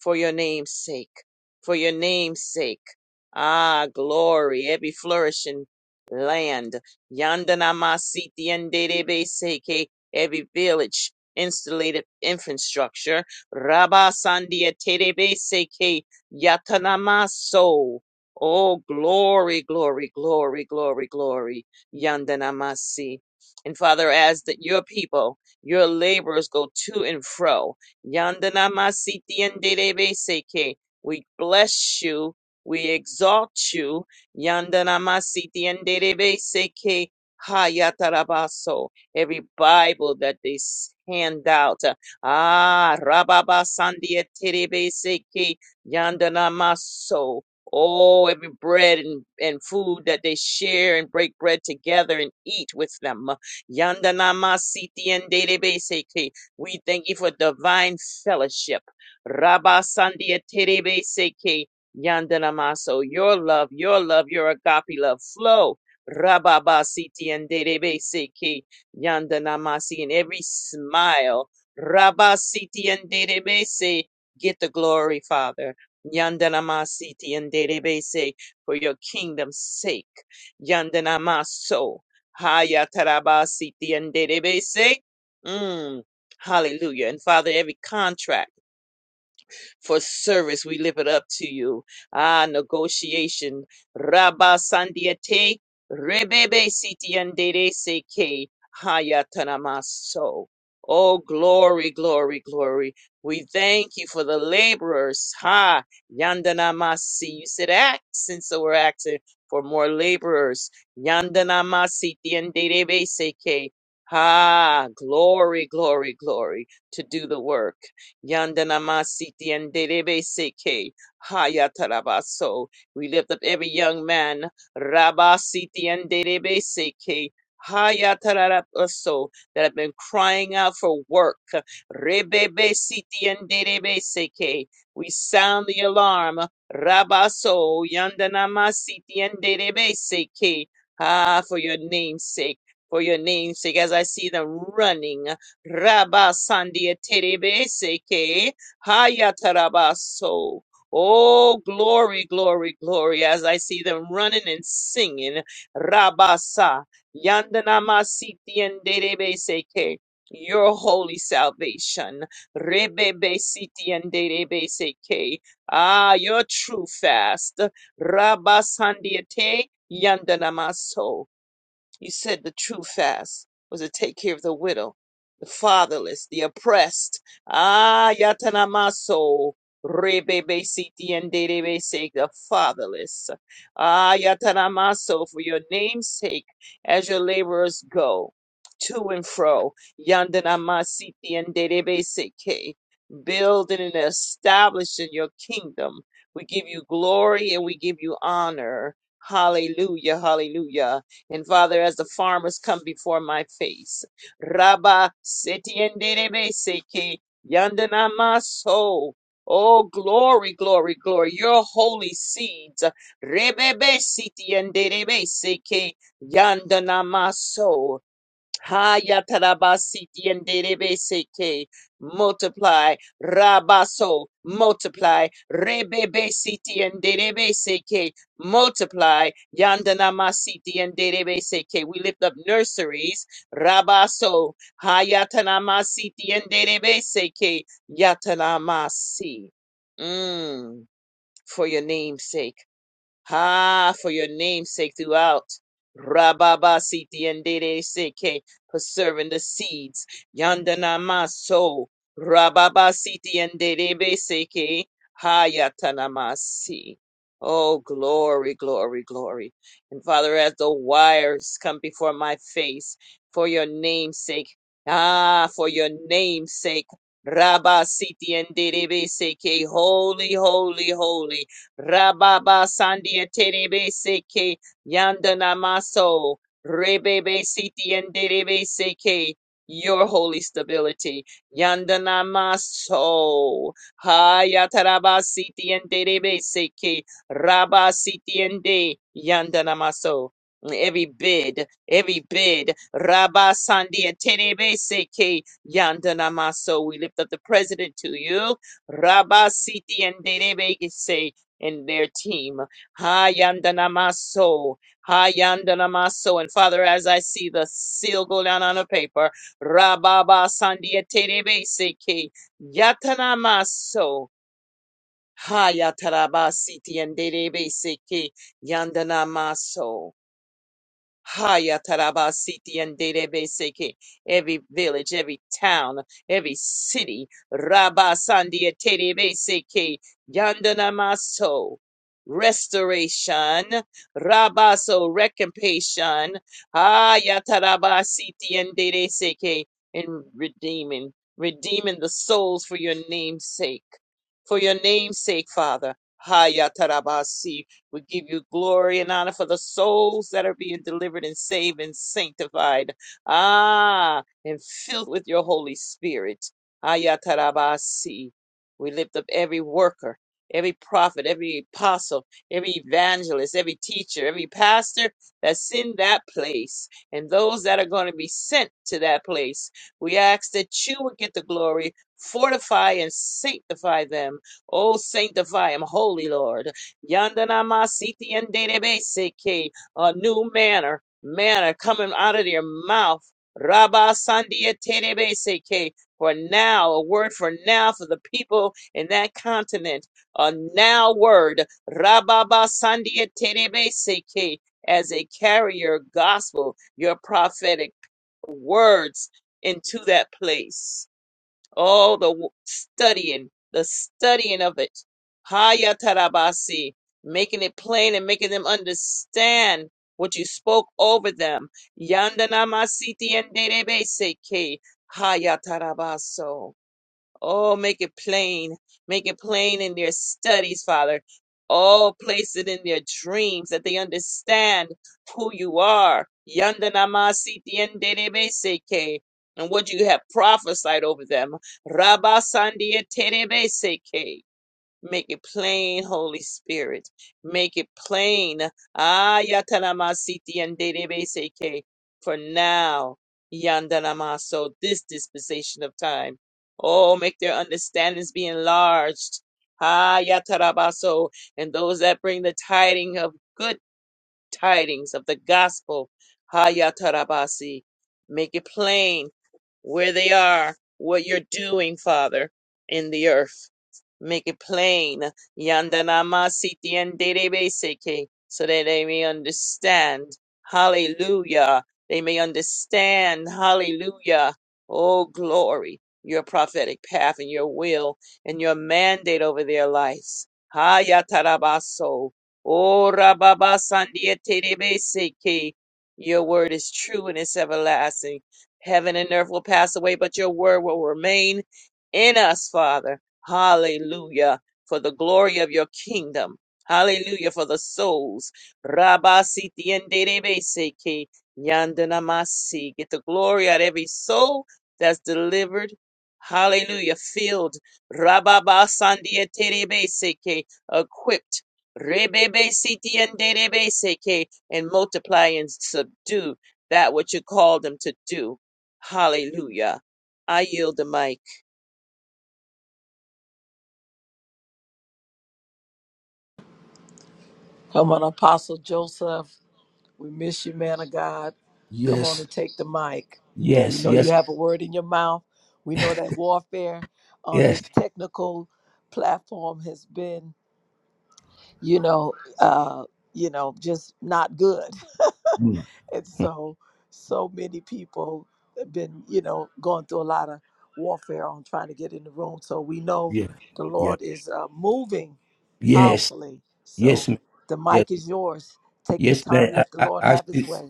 S4: For your name's sake. For your name's sake. Ah, glory. Every flourishing land. Yandana masiti and derebe seke. Every village. Installated infrastructure. Rabba Sandia Terebe Seke Yatanamaso. Oh, glory, glory, glory, glory, glory. Yandanamasi. And Father, as that your people, your laborers go to and fro. Yandanamasi tiendebeseke. We bless you. We exalt you. Yandanamasi tiendebeseke. Hayatarabaso. Every Bible that they s- hand out. Ah, Rababa Sandia Terebeseke Yandanamaso. Oh, every bread and, and food that they share and break bread together and eat with them. Yanda nama siti and seke. We thank you for divine fellowship. Rabba sandia terebe seke. Yanda nama. So your love, your love, your agape love flow. Rabba ba siti and derebe seke. Yanda namasi and every smile. Rabba siti and derebe se. Get the glory, Father. Yandanamasiti and Derebese for your kingdom's sake. Yandanamaso. Hayatarabasiti and Derebese. Mm. Hallelujah. And Father, every contract for service. We lift it up to you. Ah, negotiation. Rabba Sandiate, Rebebe Sitiandere Seke, Hayatanamaso. Oh, glory, glory, glory. We thank you for the laborers. Ha, Yandanamasi. You said axe, and so we're asking for more laborers. Yandanamasi Tiandere Seke. Ha, glory, glory, glory to do the work. Yandanamasiti and Derebe Seke. Hayatarabaso. We lift up every young man. Rabasiti and Derebe Seke. Hayatarabaso. That have been crying out for work. Rebebe Siti and Derebe Seke. We sound the alarm. Rabaso Yandanamasiti and Derebe Seke. Ah, for your name's sake. For your name's sake, as I see them running. Rabba Sandia Terebe Seke Hayatarabaso. Oh, glory, glory, glory, as I see them running and singing. Rabasa Yandanamasiti and Derebe Seke. Your holy salvation. Rebebe Siti and Seke. Ah, your true fast. Rabba Sandiate Yandanamaso. You said the true fast was to take care of the widow, the fatherless, the oppressed. Ah, Yatanamaso. Rebebe siti and derebe sake, the fatherless. Ah, Yatanamaso, for your name's sake, as your laborers go to and fro. Yandanamasiti and derebe sake, building and establishing your kingdom. We give you glory and we give you honor. Hallelujah, hallelujah. And Father, as the farmers come before my face, Rabba Setienderebeseke Yandanamaso. Oh, glory, glory, glory. Your holy seeds. Rebebe Setienderebeseke Yandanamaso. Haya tarabasiti and derebeseke. Multiply. Rabaso. Multiply. Rebebesiti and derebeseke. Multiply. Yandanamasiti and derebeseke. We lift up nurseries. Rabaso. Haya tanamasiti and derebeseke. Yatanamasi. Mm. For your name's sake. Ha, for your name's sake throughout. Rababa siti and Dede seke, preserving the seeds. Yandana maso. Rababa siti endere seke. Hayatanamasi. Oh, glory, glory, glory. And Father, as the wires come before my face, for your name's sake. Ah, for your name's sake. Rabba siti endere seke. Holy, holy, holy. Rababa Sandia Terebe Seke Yandana Maso Rebebe Siti and Derebe Seke your holy stability. Yandana Maso Hayataraba Siti and Derebe Seke Rabba Siti and De Yandana Maso Every bid, every bid, Rabba Sandia Terebe Seke Yandana Maso. We lift up the president to you. Rabba Siti and Derebe Seke in their team. Hayandanamaso. Hayandanamaso. And Father, as I see the seal go down on the paper, Rababa Sandieterebeseke. Yatanamaso. Hayatarabasiti and Derebeseke. Yandanamaso. Haya taraba siti and derebe seke. Every village, every town, every city. Rabba sandia terebe seke. Yandana maso. Restoration. Rabaso recompensation. Haya taraba siti and dere seke. In redeeming, redeeming the souls for your name's sake. For your name's sake, Father. Haya tarabasi we give you glory and honor for the souls that are being delivered and saved and sanctified. Ah, and filled with your Holy Spirit. Ayatarabasi. We lift up every worker, every prophet, every apostle, every evangelist, every teacher, every pastor that's in that place, and those that are going to be sent to that place. We ask that you would get the glory, fortify and sanctify them. Oh, sanctify them, holy Lord. Yandana siti and Dedebeseke, a new manner, manner coming out of their mouth. Rabba Sandia Tedebeseke, for now, a word for now for the people in that continent. A now word, Rabba ba Sandia Tedebeseke, as a carrier gospel, your prophetic words into that place. Oh, the w- studying, the studying of it. Haya tarabasi, making it plain and making them understand what you spoke over them. Yandana masiti and derebeseke. Haya tarabaso. Oh, make it plain. Make it plain in their studies, Father. Oh, place it in their dreams that they understand who you are. Yanda namasi tiende rebe seke. And what you have prophesied over them. Rabba sandia terebe seke. Make it plain, Holy Spirit. Make it plain. Ah, yatanamasiti yanderebeseke. For now, yandanamaso, this dispensation of time. Oh, make their understandings be enlarged. Ah, yatarabaso. And those that bring the tidings of good tidings of the gospel. Ah, yatarabasi. Make it plain where they are, what you're doing, Father, in the earth. Make it plain. Yandanama siti and seke. So that they may understand. Hallelujah. They may understand. Hallelujah. Oh, glory. Your prophetic path and your will and your mandate over their lives. Hayatarabaso. Oh, seke. Your word is true and it's everlasting. Heaven and earth will pass away, but your word will remain in us, Father. Hallelujah. For the glory of your kingdom. Hallelujah. For the souls. Rabba siti en derebe seke yandana masi. Get the glory out of every soul that's delivered. Hallelujah. Filled. Rabba ba sandia terebe seke. Equipped. Rebebe siti en derebe seke. And multiply and subdue that which you called them to do. Hallelujah. I yield the mic.
S2: Come on, Apostle Joseph. We miss you, man of God. Come on
S3: Yes,
S2: and take the mic. We
S3: yes,
S2: know you
S3: yes,
S2: have a word in your mouth. We know that warfare on
S3: yes.
S2: this technical platform has been, you know, uh, you know, just not good. (laughs)
S3: Mm,
S2: And
S3: mm,
S2: so so many people have been, you know, going through a lot of warfare on trying to get in the room. So we know
S3: Yeah,
S2: the
S3: Yeah.
S2: Lord is uh, moving
S3: yes,
S2: powerfully.
S3: yes,
S2: So
S3: ma'am,
S2: the
S3: yes,
S2: mic is yours. Take your
S3: yes, man.
S2: time.
S3: I,
S2: Let the
S3: I,
S2: Lord
S3: I
S2: have his
S3: should,
S2: way.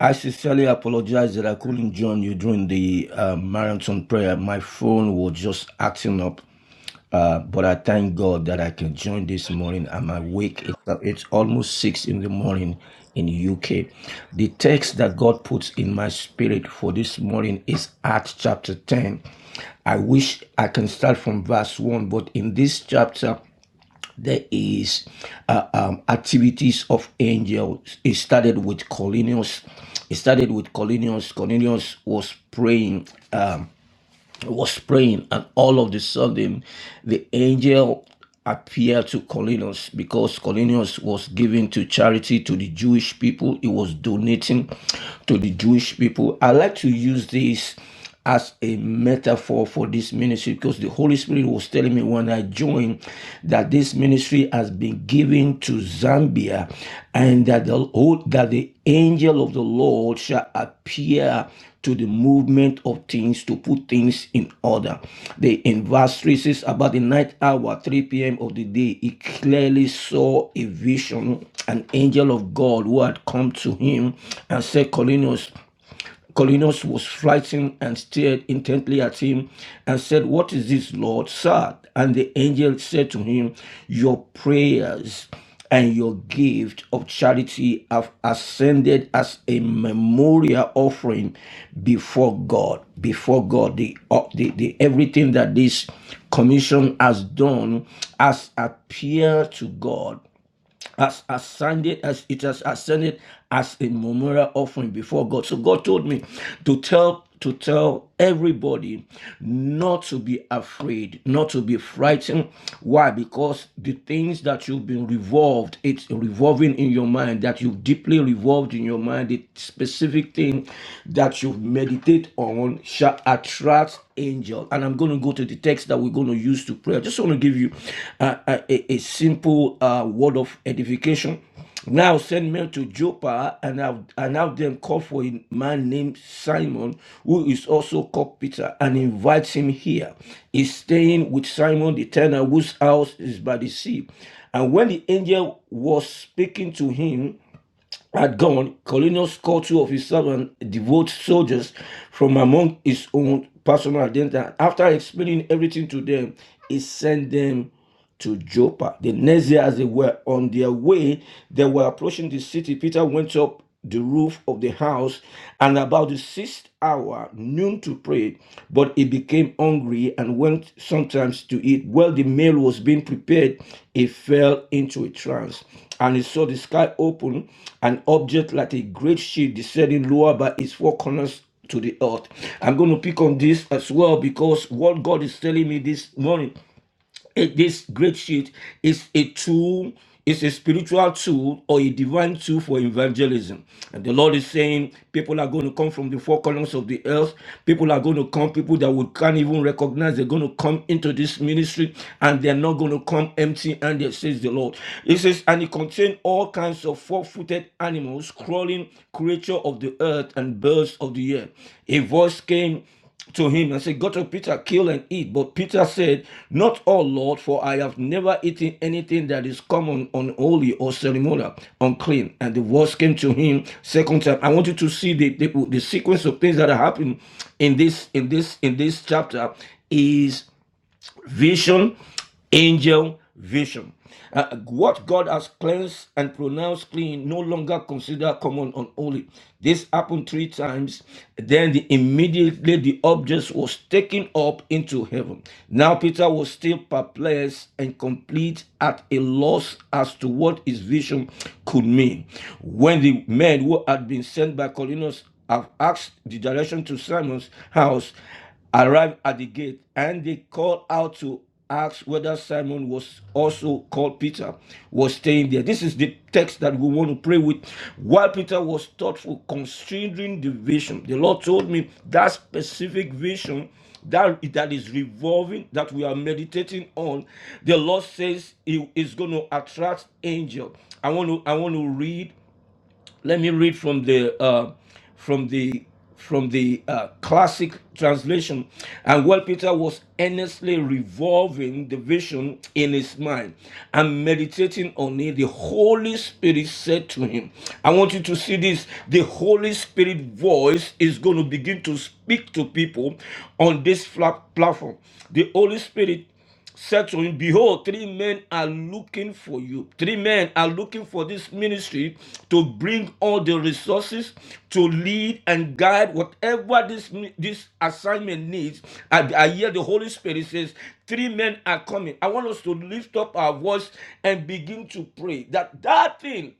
S3: I sincerely apologize that I couldn't join you during the uh, marathon prayer. My phone was just acting up. Uh, but I thank God that I can join this morning. I'm awake. It's, it's almost six in the morning in UK. The text that God puts in my spirit for this morning is Acts chapter 10. I wish I can start from verse 1, but in this chapter, there is uh, um, activities of angels. It started with Cornelius. It started with Cornelius. Cornelius was praying was praying, and all of a sudden, the angel appeared to Cornelius because Cornelius was giving to charity to the Jewish people. He was donating to the Jewish people. I like to use this as a metaphor for this ministry because the Holy Spirit was telling me when I joined that this ministry has been given to Zambia and that the that the angel of the Lord shall appear to the movement of things to put things in order. The in verse 3 says, About the ninth hour, 3 p.m. of the day, he clearly saw a vision, an angel of God who had come to him and said, Cornelius, Colinus was frightened and stared intently at him and said, What is this, Lord? Sir? And the angel said to him, Your prayers and your gift of charity have ascended as a memorial offering before God. Before God, the, uh, the, the everything that this commission has done has appeared to God as ascended as it has ascended as a memorial offering before God. So God told me to tell to tell everybody not to be afraid, not to be frightened. Why? Because the things that you've been revolved, it's revolving in your mind, that you've deeply revolved in your mind, the specific thing that you meditate on shall attract angel. And I'm going to go to the text that we're going to use to pray. I just want to give you uh, a, a, simple uh, word of edification. Now send men to Joppa and have, and have them call for a man named Simon, who is also called Peter, and invites him here. He's staying with Simon the tanner, whose house is by the sea. And when the angel was speaking to him, at dawn, Colonius called two of his servants, devout soldiers from among his own personal attendants. After explaining everything to them, he sent them to Joppa. The next day, as they were on their way, they were approaching the city. Peter went up the roof of the house, and about the sixth hour, noon to pray. But he became hungry and went sometimes to eat. While the meal was being prepared, he fell into a trance. And he saw the sky open, an object like a great sheet descending lower by its four corners to the earth. I'm going to pick on this as well because what God is telling me this morning it- this great sheet is a tool is a spiritual tool or a divine tool for evangelism and the lord is saying people are going to come from the four corners of the earth people are going to come people that we can't even recognize they're going to come into this ministry and they're not going to come empty handed says the lord it says and it contained all kinds of four-footed animals crawling creature of the earth and birds of the air a voice came to him and said, Go to Peter, kill and eat. But Peter said, Not all, Lord, for I have never eaten anything that is common, unholy, or ceremonial, unclean. And the words came to him second time. I want you to see the, the, the sequence of things that are happening in this in this in this chapter is Vision, angel, vision. Uh, what God has cleansed and pronounced clean no longer consider common unholy. This happened three times. Then the, immediately the object was taken up into heaven. Now Peter was still perplexed and complete at a loss as to what his vision could mean. When the men who had been sent by Colinus have asked the direction to Simon's house, arrived at the gate, and they called out to ask whether Simon was also called Peter, was staying there. This is the text that we want to pray with. While Peter was thoughtful, considering the vision, the Lord told me that specific vision that, that is revolving, that we are meditating on, the Lord says he is going to attract angels. I want to I want to read let me read from the uh, from the from the uh, classic translation. And while Peter was earnestly revolving the vision in his mind and meditating on it, the Holy Spirit said to him, I want you to see this. The Holy Spirit voice is going to begin to speak to people on this flat platform. The Holy Spirit said to him, Behold, three men are looking for you. Three men are looking for this ministry to bring all the resources to lead and guide whatever this, this assignment needs. I, I hear the Holy Spirit says, Three men are coming. I want us to lift up our voice and begin to pray that that thing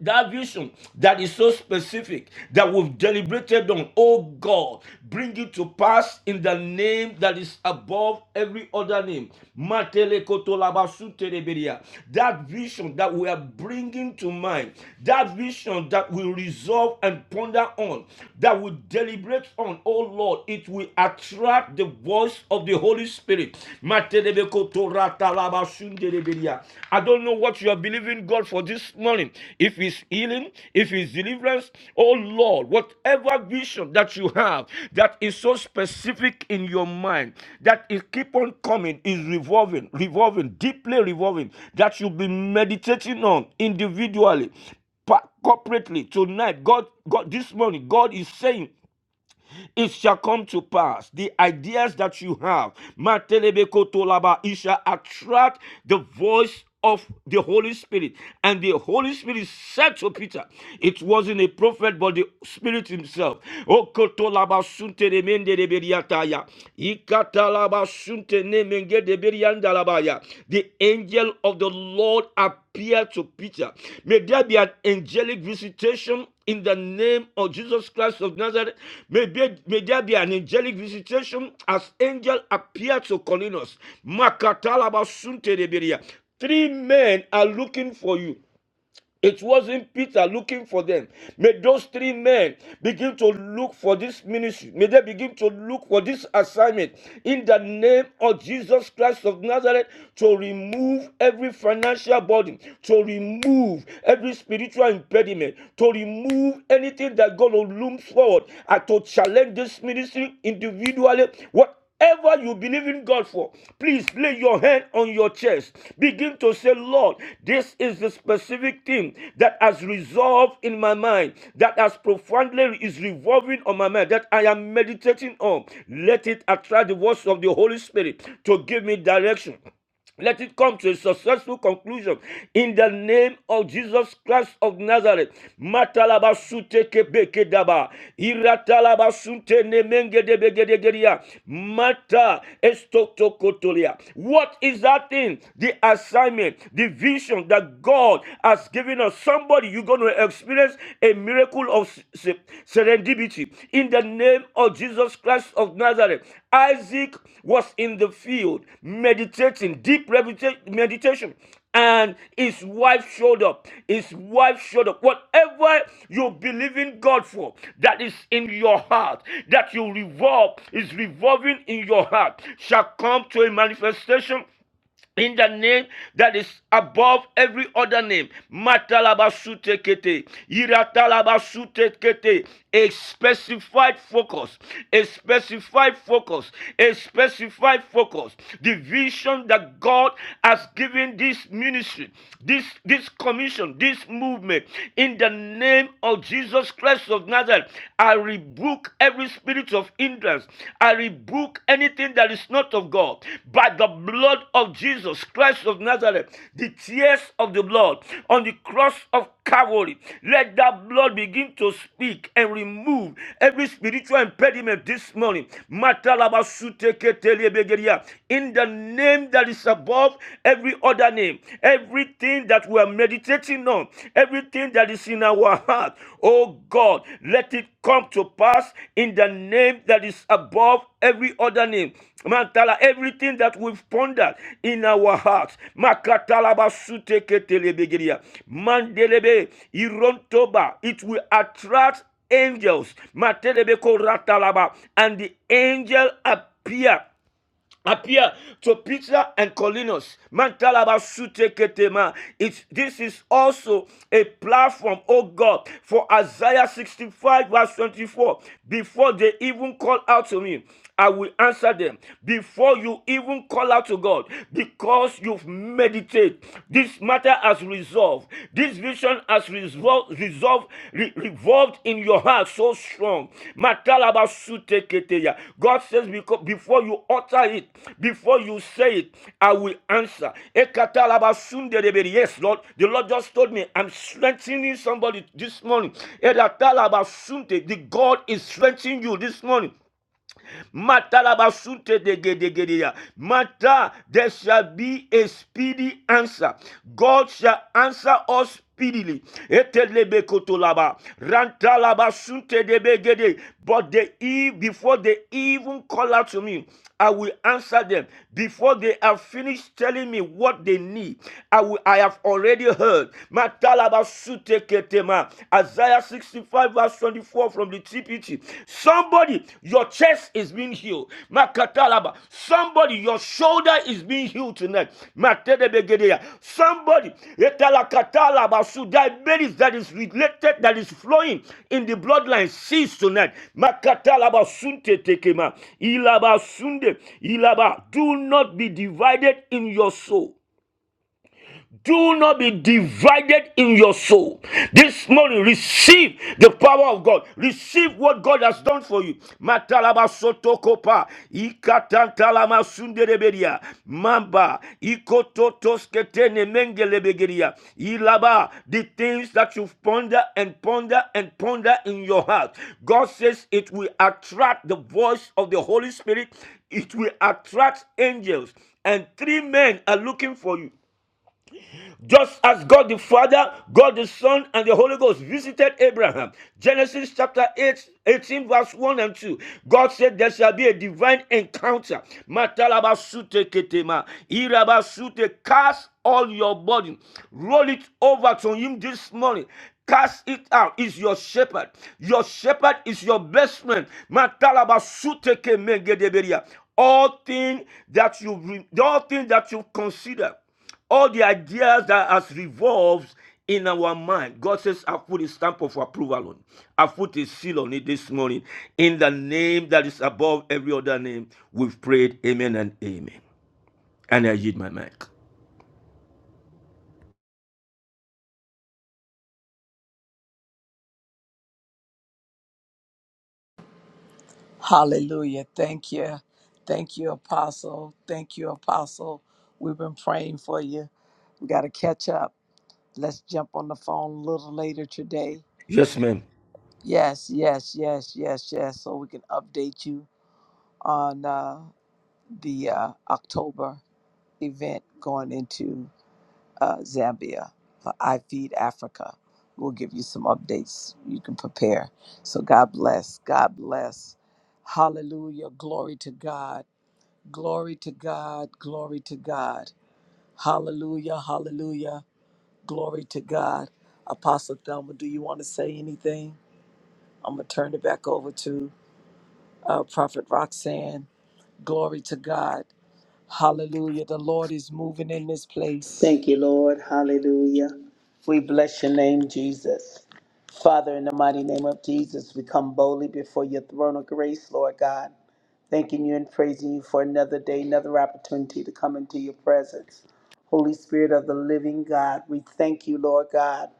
S3: that vision that is so specific that we've deliberated on, oh God, bring it to pass in the name that is above every other name. Matelekotolavasutereberia. That vision that we are bringing to mind, that vision that we resolve and ponder on, that we deliberate on, oh Lord, it will attract the voice of the Holy Spirit. I don't know what you are believing God for this morning. If it's healing, if it's deliverance, oh Lord, whatever vision that you have that is so specific in your mind that it keep on coming, is revolving, revolving, deeply revolving, that you'll be meditating on individually, pa- corporately tonight. God, God, this morning, God is saying it shall come to pass. The ideas that you have, Matelebekotolaba, it shall attract the voice of the Holy Spirit. And the Holy Spirit said to Peter, it wasn't a prophet, but the Spirit Himself. Okotolaba sunte de mende de beriataya. Ikatalaba sunte ne menge de The angel of the Lord appeared to Peter. May there be an angelic visitation in the name of Jesus Christ of Nazareth. May, be- may there be an angelic visitation as angel appeared to Cornelius. Makatalaba suntereberia. Three men are looking for you. It wasn't Peter looking for them. May those three men begin to look for this ministry. May they begin to look for this assignment in the name of Jesus Christ of Nazareth to remove every financial burden, to remove every spiritual impediment, to remove anything that God looms forward and to challenge this ministry individually. What Whatever you believe in God for, please lay your hand on your chest. Begin to say, Lord, this is the specific thing that has resolved in my mind, that has profoundly is revolving on my mind, that I am meditating on. Let it attract the voice of the Holy Spirit to give me direction. Let it come to a successful conclusion in the name of Jesus Christ of Nazareth. Matalabasute kebekedaba. Iratalabasute nemengedebegedegeria. Mata estotokotolia. What is that thing? The assignment, the vision that God has given us. Somebody, you're going to experience a miracle of leadership, serendipity. In the name of Jesus Christ of Nazareth, Isaac was in the field meditating, deep medita- meditation. And his wife showed up. His wife showed up. Whatever you believe in God for, that is in your heart, that you revolve, is revolving in your heart, shall come to a manifestation in the name that is above every other name. Matalabasutekete, iratalabasutekete. A specified focus, a specified focus, a specified focus. The vision that God has given this ministry, this this commission, this movement, in the name of Jesus Christ of Nazareth, I rebuke every every spirit of hindrance. I rebuke anything that is not of God by the blood of Jesus Christ of Nazareth, the tears of the blood on the cross of Calvary. Let that blood begin to speak and remove every spiritual impediment this morning. In the name that is above every other name, everything that we are made meditating on, everything that is in our heart, oh God, let it come to pass in the name that is above every other name. Mantala, everything that we've pondered in our hearts. Makatalaba suteketelebegiriya. Mandelebe irontoba. It will attract angels. Matelebe koratalaba. And the angel appear appear to Peter and Colinus. Mantalabasuteketema. It's, this is also a platform, oh God, for Isaiah 65, verse 24. Before they even call out to me, I will answer them. Before you even call out to God, because you've meditated, this matter has resolved. This vision has resolved, resolved, re- revolved in your heart so strong. God says, because before you utter it, before you say it, I will answer. Ekatalabasunderebere. Yes, Lord. The Lord just told me, I'm strengthening somebody this morning. Edatalabasunte. The God is strengthening you this morning. Mata la basunte de gedegedeya. Mata, there shall be a speedy answer. God shall answer us speedily. Etelebekotolaba. Rantalaba sunte debegede. But the eve before they even call out to me. I will answer them before they have finished telling me what they need. I will, I have already heard. Matalabazuteketema. Isaiah 65 verse 24 from the TPT. Somebody, your chest is being healed. Makatalaba. Somebody, your shoulder shoulder is being healed tonight. Matedebegedea. Somebody, etalakatala basu, diabetes that is related, that is flowing in the bloodline, cease tonight. Makatala basunte tekema. Ilaba sunde. Ilaba. Do not be divided in your soul do not be divided in your soul. This morning, receive the power of God. Receive what God has done for you. Matalaba sotokopa, ikatantalama sunderebedia, mamba, ikototosketeneme- Mengelebegeria. Ilaba, the things that you ponder and ponder and ponder in your heart. God says it will attract the voice of the Holy Spirit, it will attract angels, and three men are looking for you. Just as God the Father, God the Son, and the Holy Ghost visited Abraham. Genesis chapter 8, 18, verse 1 and 2. God said there shall be a divine encounter. Matalabasute ketema, irabasute, Cast all your burden. Roll it over to him this morning. Cast it out. Is your shepherd. Your shepherd is your best friend. Matalabasute kemengedeberia. All things that you all things that you consider all the ideas that has revolved in our mind. God says, I put a stamp of approval on. I put a seal on it this morning. In the name that is above every other name, we've prayed. Amen and amen. And I yield my mic.
S2: Hallelujah. Thank you. Thank you, Apostle. Thank you, Apostle. We've been praying for you. We got to catch up. Let's jump on the phone a little later today.
S3: Yes, ma'am.
S2: Yes, yes, yes, yes, yes. So we can update you on uh, the uh, October event going into uh, Zambia for I Feed Africa. We'll give you some updates. You can prepare. So God bless. God bless. Hallelujah. Glory to God. Glory to God. Glory to God. Hallelujah. Hallelujah. Glory to God. Apostle Thelma, do you want to say anything? I'm going to turn it back over to uh, Prophet Roxanne. Glory to God. Hallelujah. The Lord is moving in this place.
S5: Thank you, Lord. Hallelujah. We bless your name, Jesus. Father, in the mighty name of Jesus, we come boldly before your throne of grace, Lord God, thanking you and praising you for another day, another opportunity to come into your presence. Holy Spirit of the living God, we thank you, Lord God.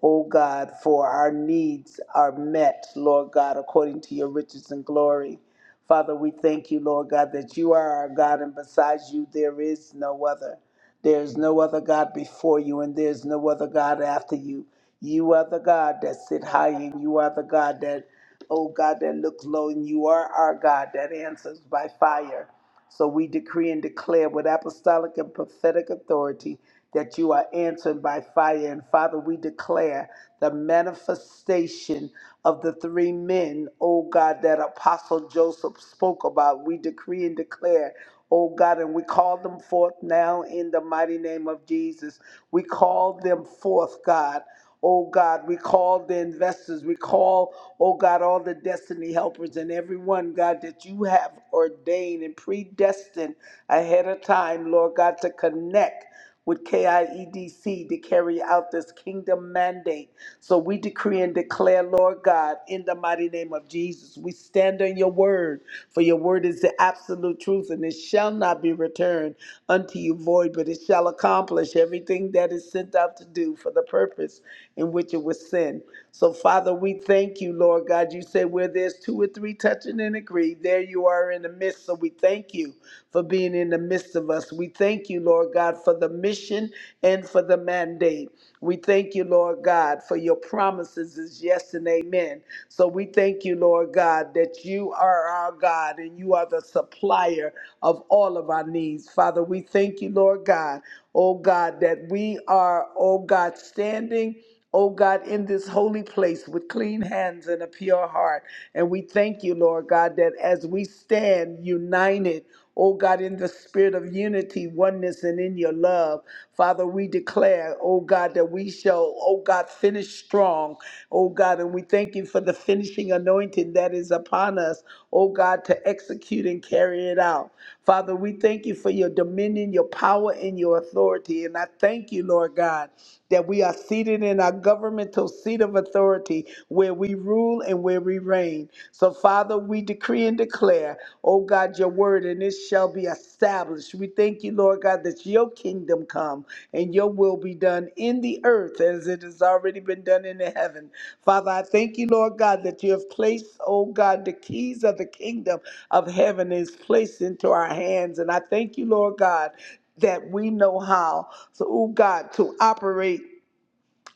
S5: Oh God, for our needs are met, Lord God, according to your riches and glory. Father, we thank you, Lord God, that you are our God and besides you there is no other. There is no other God before you, and there is no other God after you. You are the God that sit high, and you are the God that, oh God, that looks low, and you are our God that answers by fire. So we decree and declare with apostolic and prophetic authority that you are answered by fire. And Father, we declare the manifestation of the three men, oh God, that Apostle Joseph spoke about. We decree and declare oh God, and we call them forth now in the mighty name of Jesus. We call them forth, God. Oh God, we call the investors, we call, oh God, all the destiny helpers and everyone, God, that you have ordained and predestined ahead of time, Lord God, to connect with KIEDC to carry out this kingdom mandate. So we decree and declare, Lord God, in the mighty name of Jesus, we stand on your word, for your word is the absolute truth, and it shall not be returned unto you void, but it shall accomplish everything that is sent out to do for the purpose in which it was sin. So, Father, we thank you, Lord God. You say where there's two or three touching and agree, there you are in the midst. So, we thank you for being in the midst of us. We thank you, Lord God, for the mission and for the mandate. We thank you, Lord God, for your promises is yes and amen. So we thank you, Lord God, that you are our God and you are the supplier of all of our needs. Father, we thank you, Lord God, oh God, that we are, oh God, standing, oh God, in this holy place with clean hands and a pure heart. And we thank you, Lord God, that as we stand united, oh God, in the spirit of unity, oneness, and in your love, Father, we declare, oh God, that we shall, oh God, finish strong, oh God, and we thank you for the finishing anointing that is upon us, oh God, to execute and carry it out. Father, we thank you for your dominion, your power, and your authority. And I thank you, Lord God that we are seated in our governmental seat of authority where we rule and where we reign. So, Father, we decree and declare, oh God, your word, and it shall be established. We thank you, Lord God, that your kingdom come and your will be done in the earth as it has already been done in the heaven. Father, I thank you, Lord God, that you have placed, oh God, the keys of the kingdom of heaven is placed into our hands. And I thank you, Lord God, that we know how, so, oh God, to operate.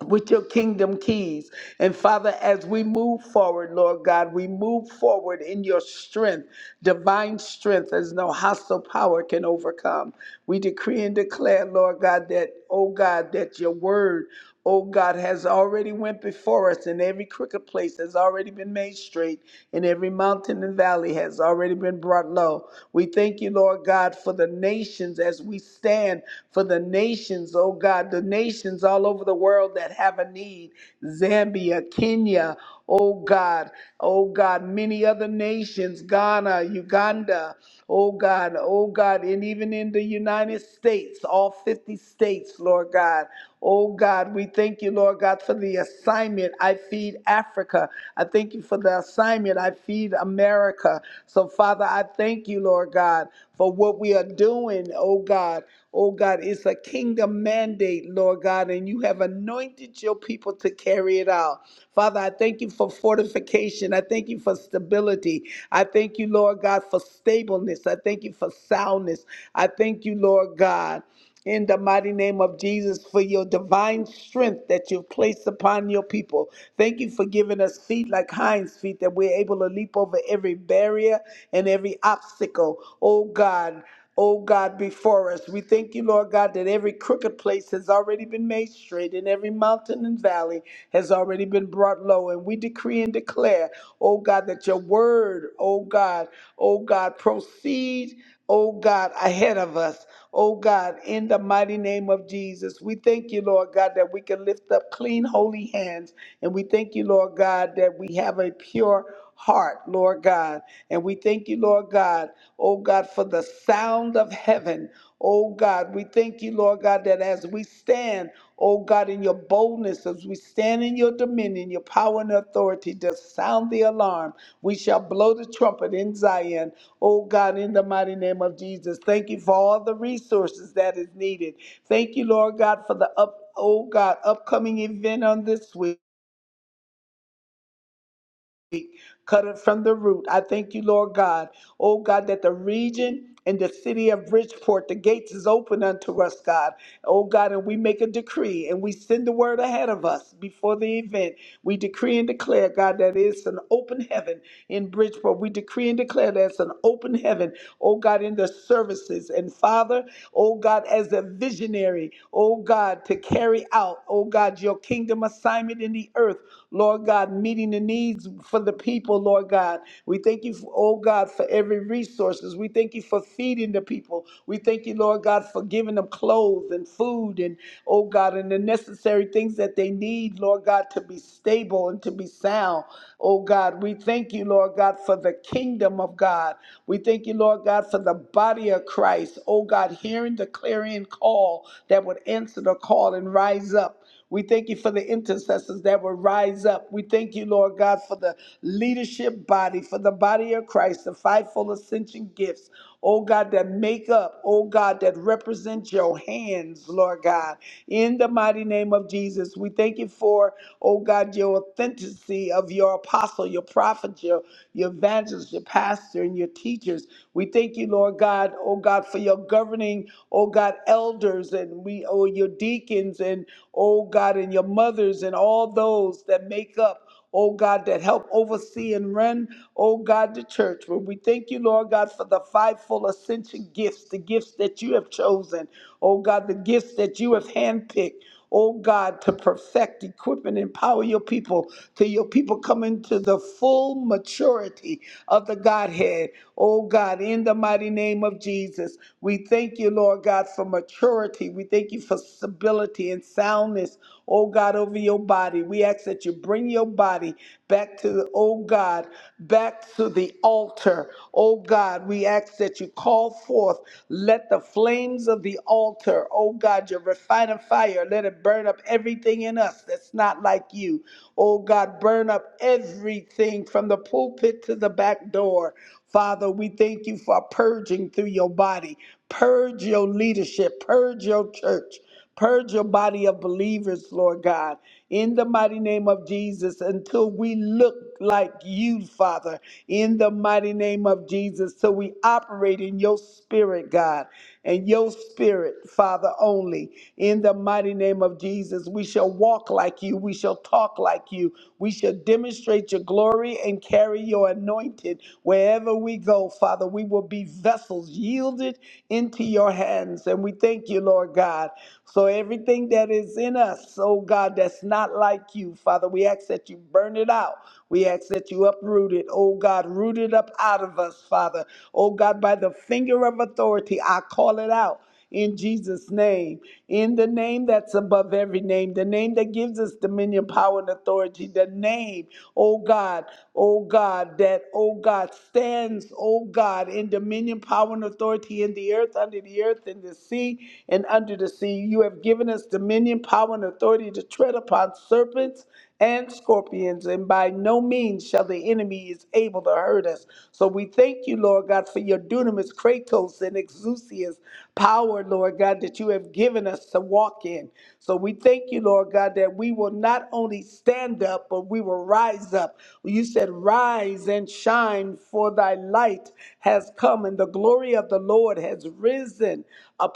S5: With your kingdom keys. And Father, as we move forward, Lord God, we move forward in your strength, divine strength, as no hostile power can overcome. We decree and declare, Lord God, that, oh God, that your word oh God, has already went before us, and every crooked place has already been made straight, and every mountain and valley has already been brought low. We thank you, Lord God, for the nations as we stand for the nations, oh God, the nations all over the world that have a need. Zambia, Kenya, oh God, oh God, many other nations, Ghana, Uganda, oh God, oh God, and even in the United States, all 50 states, Lord God. Oh God, we thank you, Lord God, for the assignment. I feed Africa. I thank you for the assignment. I feed America. So, Father, I thank you, Lord God, for what we are doing, oh God. Oh God, it's a kingdom kingdom mandate, Lord God, and you have anointed your people to carry it out. Father, I thank you for fortification. I thank you for stability. I thank you, Lord God, for stableness. I thank you for soundness. I thank you, Lord God. In the mighty name of Jesus, for your divine strength that you've placed upon your people. Thank you for giving us feet like hinds feet that we're able to leap over every barrier and every obstacle. Oh God, oh God, before us. We thank you, Lord God, that every crooked place has already been made straight and every mountain and valley has already been brought low. And we decree and declare, oh God, that your word, oh God, oh God, proceed, oh God, ahead of us. Oh God, in the mighty name of Jesus, we thank you, Lord God, that we can lift up clean, holy hands. And we thank you, Lord God, that we have a pure heart, Lord God. And we thank you, Lord God, oh God, for the sound of heaven. Oh God, we thank you, Lord God, that as we stand, oh God, in your boldness, as we stand in your dominion, your power and authority, to sound the alarm. We shall blow the trumpet in Zion, oh God, in the mighty name of Jesus. Thank you for all the resources that is needed. Thank you, Lord God, for the up, oh God, upcoming event on this week. Cut it from the root. I thank you, Lord God. Oh God, that the region in the city of Bridgeport, the gates is open unto us, God. Oh God, and we make a decree and we send the word ahead of us before the event. We decree and declare, God, that it's an open heaven in Bridgeport. We decree and declare that it's an open heaven, oh God, in the services. And Father, oh God, as a visionary, oh God, to carry out, oh God, your kingdom assignment in the earth, Lord God, meeting the needs for the people people, Lord God. We thank you, for, oh God, for every resources. We thank you for feeding the people. We thank you, Lord God, for giving them clothes and food and, oh God, and the necessary things that they need, Lord God, to be stable and to be sound. Oh God, we thank you, Lord God, for the kingdom of God. We thank you, Lord God, for the body of Christ. Oh God, hearing the clarion call that would answer the call and rise up. We thank you for the intercessors that will rise up. We thank you, Lord God, for the leadership body, for the body of Christ, the fivefold ascension gifts. Oh God, that make up, oh God, that represent your hands, Lord God. In the mighty name of Jesus, we thank you for, oh God, your authenticity of your apostle, your prophet, your, your evangelist, your pastor, and your teachers. We thank you, Lord God, oh God, for your governing, oh God, elders pastors and we oh your deacons and oh God and your mothers and all those that make up oh God, that help oversee and run, oh God, the church. But we thank you, Lord God, for the fivefold ascension gifts, the gifts that you have chosen, oh God, the gifts that you have handpicked oh God, to perfect, equip, and empower your people till your people come into the full maturity of the Godhead. Oh God, in the mighty name of Jesus, we thank you, Lord God, for maturity. We thank you for stability and soundness oh God, over your body. We ask that you bring your body back to the, oh God, back to the altar. Oh God, we ask that you call forth, let the flames of the altar, oh God, your refining fire, let it burn up everything in us that's not like you. Oh God, burn up everything from the pulpit to the back door. Father, we thank you for purging through your body. Purge your leadership, purge your church. Purge your body of believers, Lord God, in the mighty name of Jesus, until we look like you, Father, in the mighty name of Jesus, so we operate in your spirit, God, and your spirit, Father, only. In the mighty name of Jesus, we shall walk like you, we shall talk like you, we shall demonstrate your glory and carry your anointing wherever we go, Father. We will be vessels yielded it into your hands. And we thank you, Lord God. So everything that is in us, oh God, that's not like you, Father, we ask that you burn it out. We ask that you uproot it, oh God, root it up out of us, Father. Oh God, by the finger of authority, I call it out in Jesus' name, in the name that's above every name, the name that gives us dominion, power, and authority, the name, oh God, oh God, that, oh God, stands, oh God, in dominion, power, and authority in the earth, under the earth, in the sea, and under the sea. You have given us dominion, power, and authority to tread upon serpents and scorpions, and by no means shall the enemy is able to hurt us. So we thank you, Lord God, for your dunamis, kratos, and exousias power, Lord God, that you have given us to walk in. So we thank you, Lord God, that we will not only stand up, but we will rise up. You said, Rise and shine, for thy light has come, and the glory of the Lord has risen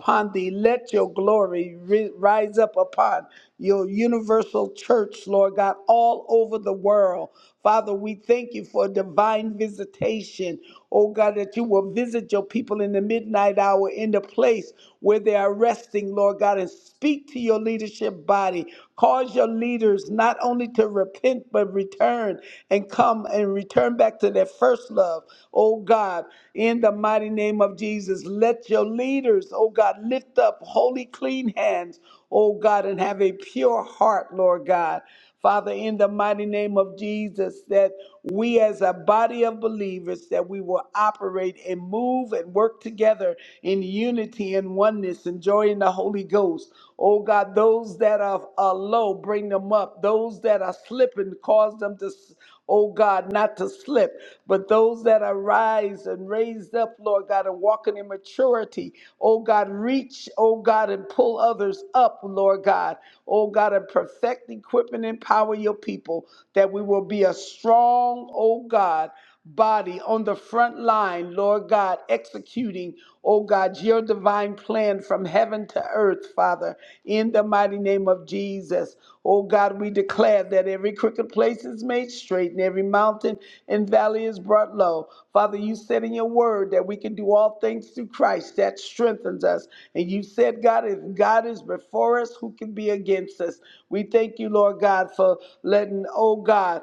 S5: upon thee. Let your glory ri- rise up upon your universal church, Lord God, all over the world. Father, we thank you for divine visitation. Oh God, that you will visit your people in the midnight hour in the place where they are resting, Lord God, and speak to your leadership body. Cause your leaders not only to repent, but return and come and return back to back to their first love, oh God, in the mighty name of Jesus. Let your leaders, oh God, lift up holy, clean hands, oh God, and have a pure heart, Lord God. Father, in the mighty name of Jesus, that we as a body of believers, that we will operate and move and work together in unity and oneness, enjoying the Holy Ghost. Oh God, those that are, are low, bring them up. Those that are slipping, cause them to oh God, not to slip. But those that are rise and raised up, Lord God, and walking in maturity, oh God, reach, oh God, and pull others up, Lord God, oh God, and perfect, equip, and empower your people that we will be a strong, oh God body on the front line, Lord God, executing, oh God, your divine plan from heaven to earth, Father, in the mighty name of Jesus. Oh God, we declare that every crooked place is made straight and every mountain and valley is brought low. Father, you said in your word that we can do all things through Christ that strengthens us. And you said, God, if God is before us, who can be against us? We thank you, Lord God, for letting, oh God,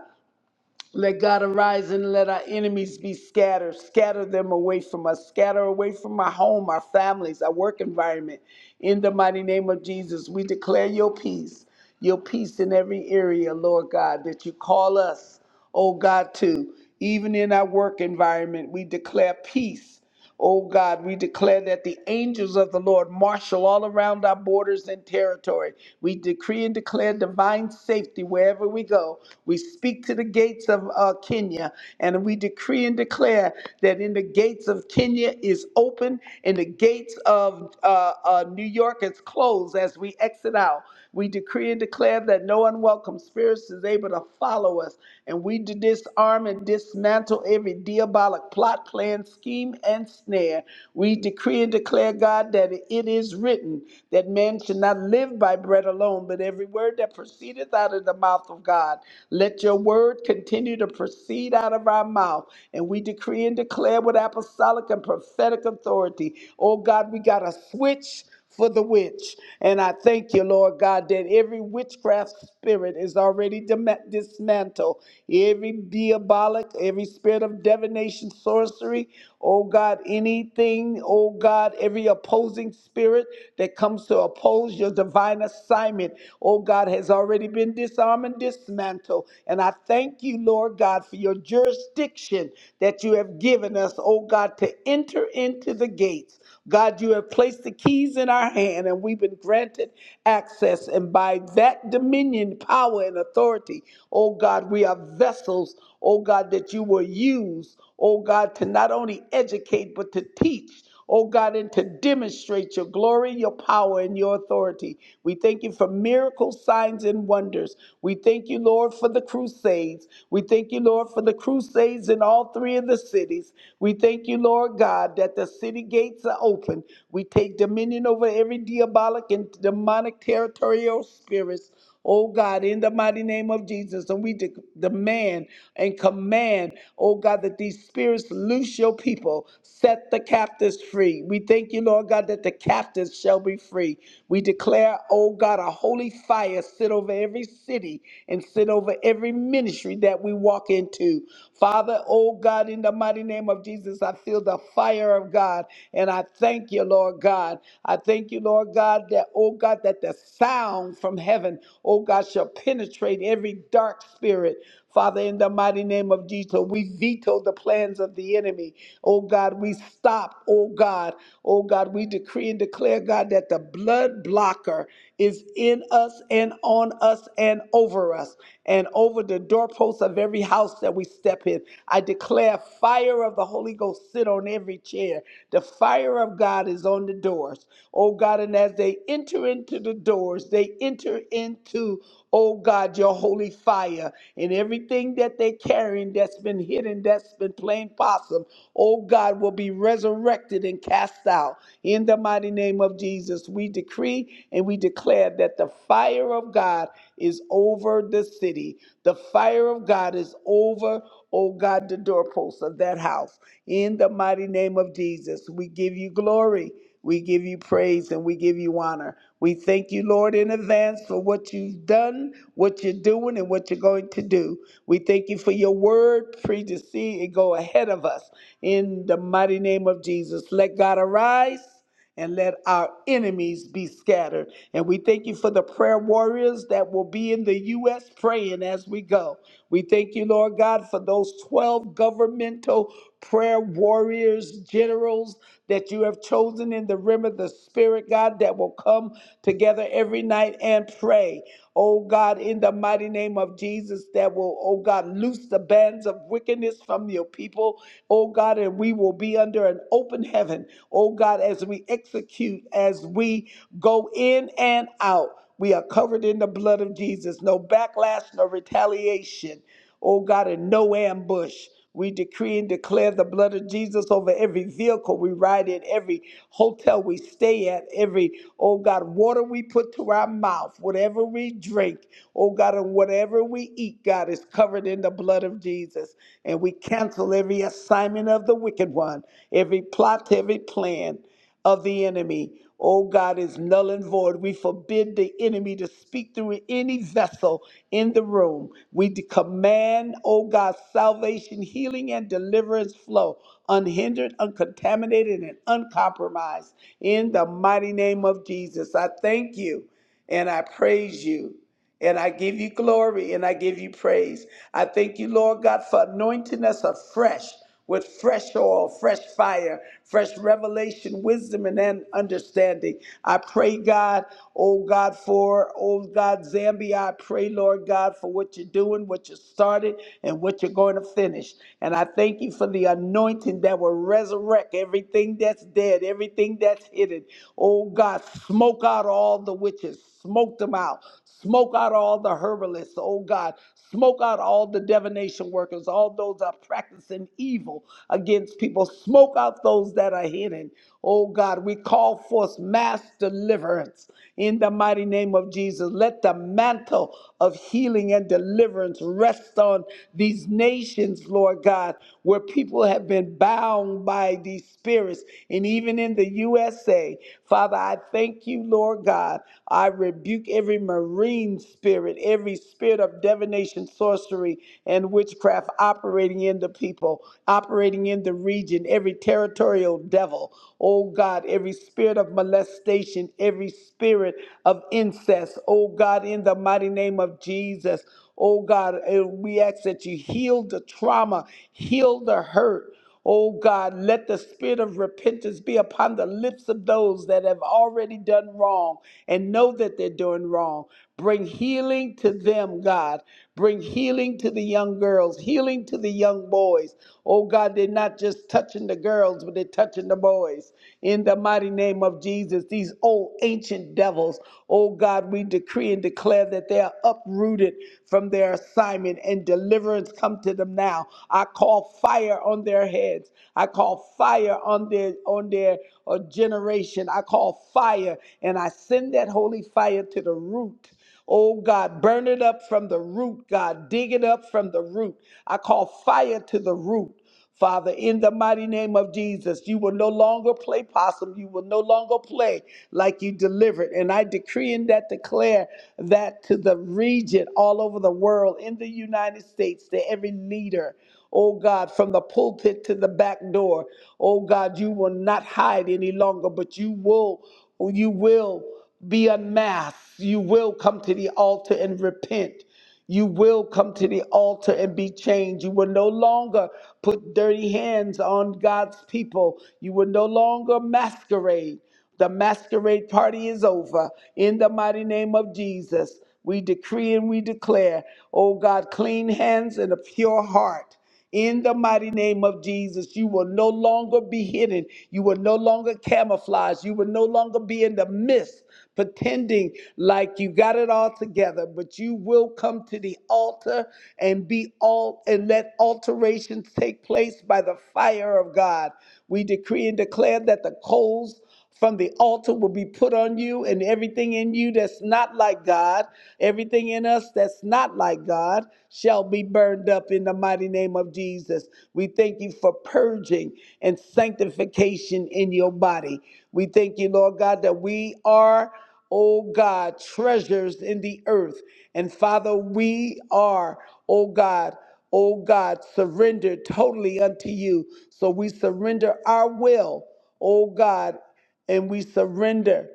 S5: let God arise and let our enemies be scattered. Scatter them away from us. Scatter away from our home, our families, our work environment. In the mighty name of Jesus, we declare your peace, your peace in every area, Lord God, that you call us, oh God, to. Even in our work environment, we declare peace. Oh God, we declare that the angels of the Lord marshal all around our borders and territory. We decree and declare divine safety wherever we go. We speak to the gates of uh, Kenya and we decree and declare that in the gates of Kenya is open, and the gates of uh, uh, New York is closed as we exit out. We decree and declare that no unwelcome spirits is able to follow us, and we disarm and dismantle every diabolic plot, plan, scheme, and snare. We decree and declare, God, that it is written that man should not live by bread alone, but every word that proceedeth out of the mouth of God. Let your word continue to proceed out of our mouth. And we decree and declare with apostolic and prophetic authority. Oh God, we got a switch for the witch. And I thank you, Lord God, that every witchcraft spirit is already dim- dismantled. Every diabolic, every spirit of divination, sorcery, oh God, anything, oh God, every opposing spirit that comes to oppose your divine assignment, oh God, has already been disarmed and dismantled. And I thank you, Lord God, for your jurisdiction that you have given us, oh God, to enter into the gates. God, you have placed the keys in our hand and we've been granted access. And by that dominion, power, and authority, oh God, we are vessels, oh God, that you will use, oh God, to not only educate, but to teach. Oh God, and to demonstrate your glory, your power, and your authority. We thank you for miracles, signs, and wonders. We thank you, Lord, for the crusades. We thank you, Lord, for the crusades in all three of the cities peace. We thank you, Lord God, that the city gates are open. We take dominion over every diabolic and demonic territorial spirits. Oh God, in the mighty name of Jesus, and we de- demand and command, oh God, that these spirits loose your people, set the captives free. We thank you, Lord God, that the captives shall be free. We declare, oh God, a holy fire sit over every city and sit over every ministry that we walk in walk into. Father, oh God, in the mighty name of Jesus, I feel the fire of God. And I thank you, Lord God. I thank you, Lord God, that, oh God, that the sound from heaven, oh God, shall penetrate every dark spirit. Father, in the mighty name of Jesus, we veto the plans of the enemy. Oh God, we stop, oh God, oh God, we decree and declare, God, that the blood blocker is in us and on us and over us and over the doorposts of every house that we step in. I declare fire of the Holy Ghost sit on every chair. The fire of God is on the doors. Oh God, and as they enter into the doors, they enter into, oh God, your holy fire and everything that they're carrying that's been hidden, that's been playing possum, oh God, will be resurrected and cast out. In the mighty name of Jesus, we decree and we declare that the fire of God is over the city. The fire of God is over, oh God, the doorposts of that house. In the mighty name of Jesus, we give you glory. We give you praise and we give you honor. We thank you, Lord, in advance for what you've done, what you're doing, and what you're going to do. We thank you for your word, predeceived, and go ahead of us. In the mighty name of Jesus, let God arise and let our enemies be scattered. And we thank you for the prayer warriors that will be in the U.S. praying as we go. We thank you, Lord God, for those 12 governmental prayer warriors, generals that you have chosen in the realm of the Spirit, God, that will come together every night and pray. Oh God, in the mighty name of Jesus, that will, oh God, loose the bands of wickedness from your people oh God, and we will be under an open heaven, oh God, as we execute, as we go in and out. We are covered in the blood of Jesus. No backlash, no retaliation, oh God, and no ambush. We decree and declare the blood of Jesus over every vehicle we ride in, every hotel we stay at, every, oh God, water we put to our mouth, whatever we drink, oh God, and whatever we eat week, God, is covered in the blood of Jesus. And we cancel every assignment of the wicked one, every plot, every plan of the enemy. Oh God, is null and void. We forbid the enemy to speak through any vessel in the room. We de- command, oh God, salvation, healing, and deliverance flow unhindered, uncontaminated, and uncompromised in the mighty name of Jesus. I thank you and I praise you. And I give you glory and I give you praise. I thank you, Lord God, for anointing us afresh with fresh oil, fresh fire, fresh revelation, wisdom, and then understanding. I pray, God, oh God, for, oh God, Zambia. I pray, Lord God, for what you're doing, what you started, and what you're going to finish. And I thank you for the anointing that will resurrect everything that's dead, everything that's hidden. Oh God, smoke out all the witches, smoke them out, Smoke out all the herbalists, oh God. Smoke out all the divination workers, all those that are practicing evil against people. Smoke out those that are hidden. Oh God, we call forth mass deliverance in the mighty name of Jesus. Let the mantle of healing and deliverance rest on these nations, Lord God, where people have been bound by these spirits. And even in the USA, Father, I thank thank you, Lord God. I rebuke every marine spirit, every spirit of divination, sorcery, and witchcraft operating in the people, operating in the region, every territorial devil, oh God, every spirit of molestation, every spirit of incest, oh God, in the mighty name of Jesus. Oh God, and we ask that you heal the trauma, heal the hurt. Oh God, let the spirit of repentance be upon the lips of those that have already done wrong and know that they're doing wrong. Bring healing to them, God. Bring healing to the young girls, healing to the young boys. Oh God, they're not just touching the girls, but they're touching the boys. In the mighty name of Jesus, these old ancient devils, oh God, we decree and declare that they are uprooted from their assignment and deliverance come to them them now. I call fire on their heads. I call fire on their on their uh, generation. I call fire and I send that holy fire to the root. Oh God, burn it up from the root, God. Dig it up from the root. I call fire to the root. Father, in the mighty name of Jesus, you will no longer play possum. You will no longer play like you delivered. And I decree and that declare that to the region all over the world, in the United States, to every leader, oh God, from the pulpit to the back door, oh God, you will not hide any longer, but you will, you will be unmasked. You will come to the altar and repent. You will come to the altar and be changed. You will no longer put dirty hands on God's people. You will no longer masquerade. The masquerade party is over. In the mighty name of Jesus, we decree and we declare, oh God, clean hands and a pure heart. In the mighty name of Jesus, you will no longer be hidden. You will no longer camouflage. You will no longer be in the midst, pretending like you got it all together. But you will come to the altar and be all and let alterations take place by the fire of God. We decree and declare that the coals from the altar will be put on you, and everything in you that's not like God, everything in us that's not like God, shall be burned up in the mighty name of Jesus. We thank you for purging and sanctification in your body. We thank you, Lord God, that we are. O God, treasures in the earth. And Father, we are, O God, O God, surrendered totally unto you. So we surrender our will, O God and we surrender.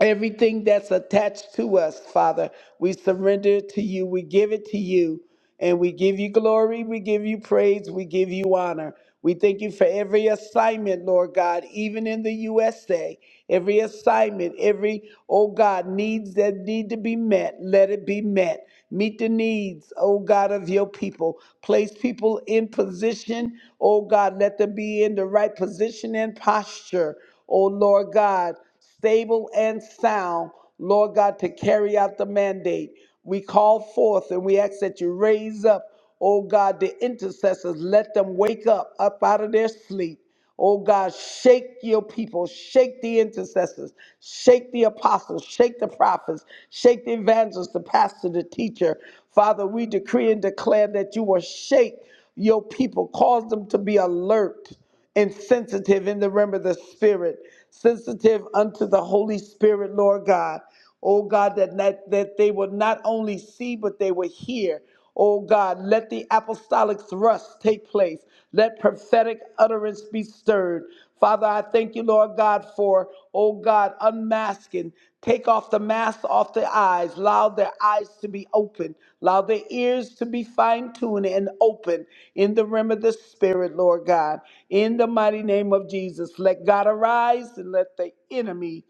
S5: Everything that's attached to us, Father, we surrender to you. We give it to you. And we give you glory. We give you praise. We give you honor. We thank you for every assignment, Lord God, even in the USA. Every assignment, every, oh God, needs that need to be met, let it be met. Meet the needs, oh God, of your people. Place people in position, oh God, let them be in the right position and posture, oh Lord God stable and sound, Lord God, to carry out the mandate. We call forth and we ask that you raise up, oh God, the intercessors. Let them wake up, up out of their sleep. Oh God, shake your people, shake the intercessors, shake the apostles, shake the prophets, shake the evangelists, the pastor, the teacher. Father, we decree and declare that you will shake your people, cause them to be alert and sensitive in the realm of the spirit, sensitive unto the Holy Spirit, Lord God. Oh God, that, that, that they will not only see, but they will hear. Oh God, let the apostolic thrust take place. Let prophetic utterance be stirred. Father, I thank you, Lord God, for, oh God, unmasking. Take off the mask off their eyes. Allow their eyes to be open. Allow their ears to be fine tuned and open in the realm of the Spirit, Lord God. In the mighty name of Jesus, let God arise and let the enemy.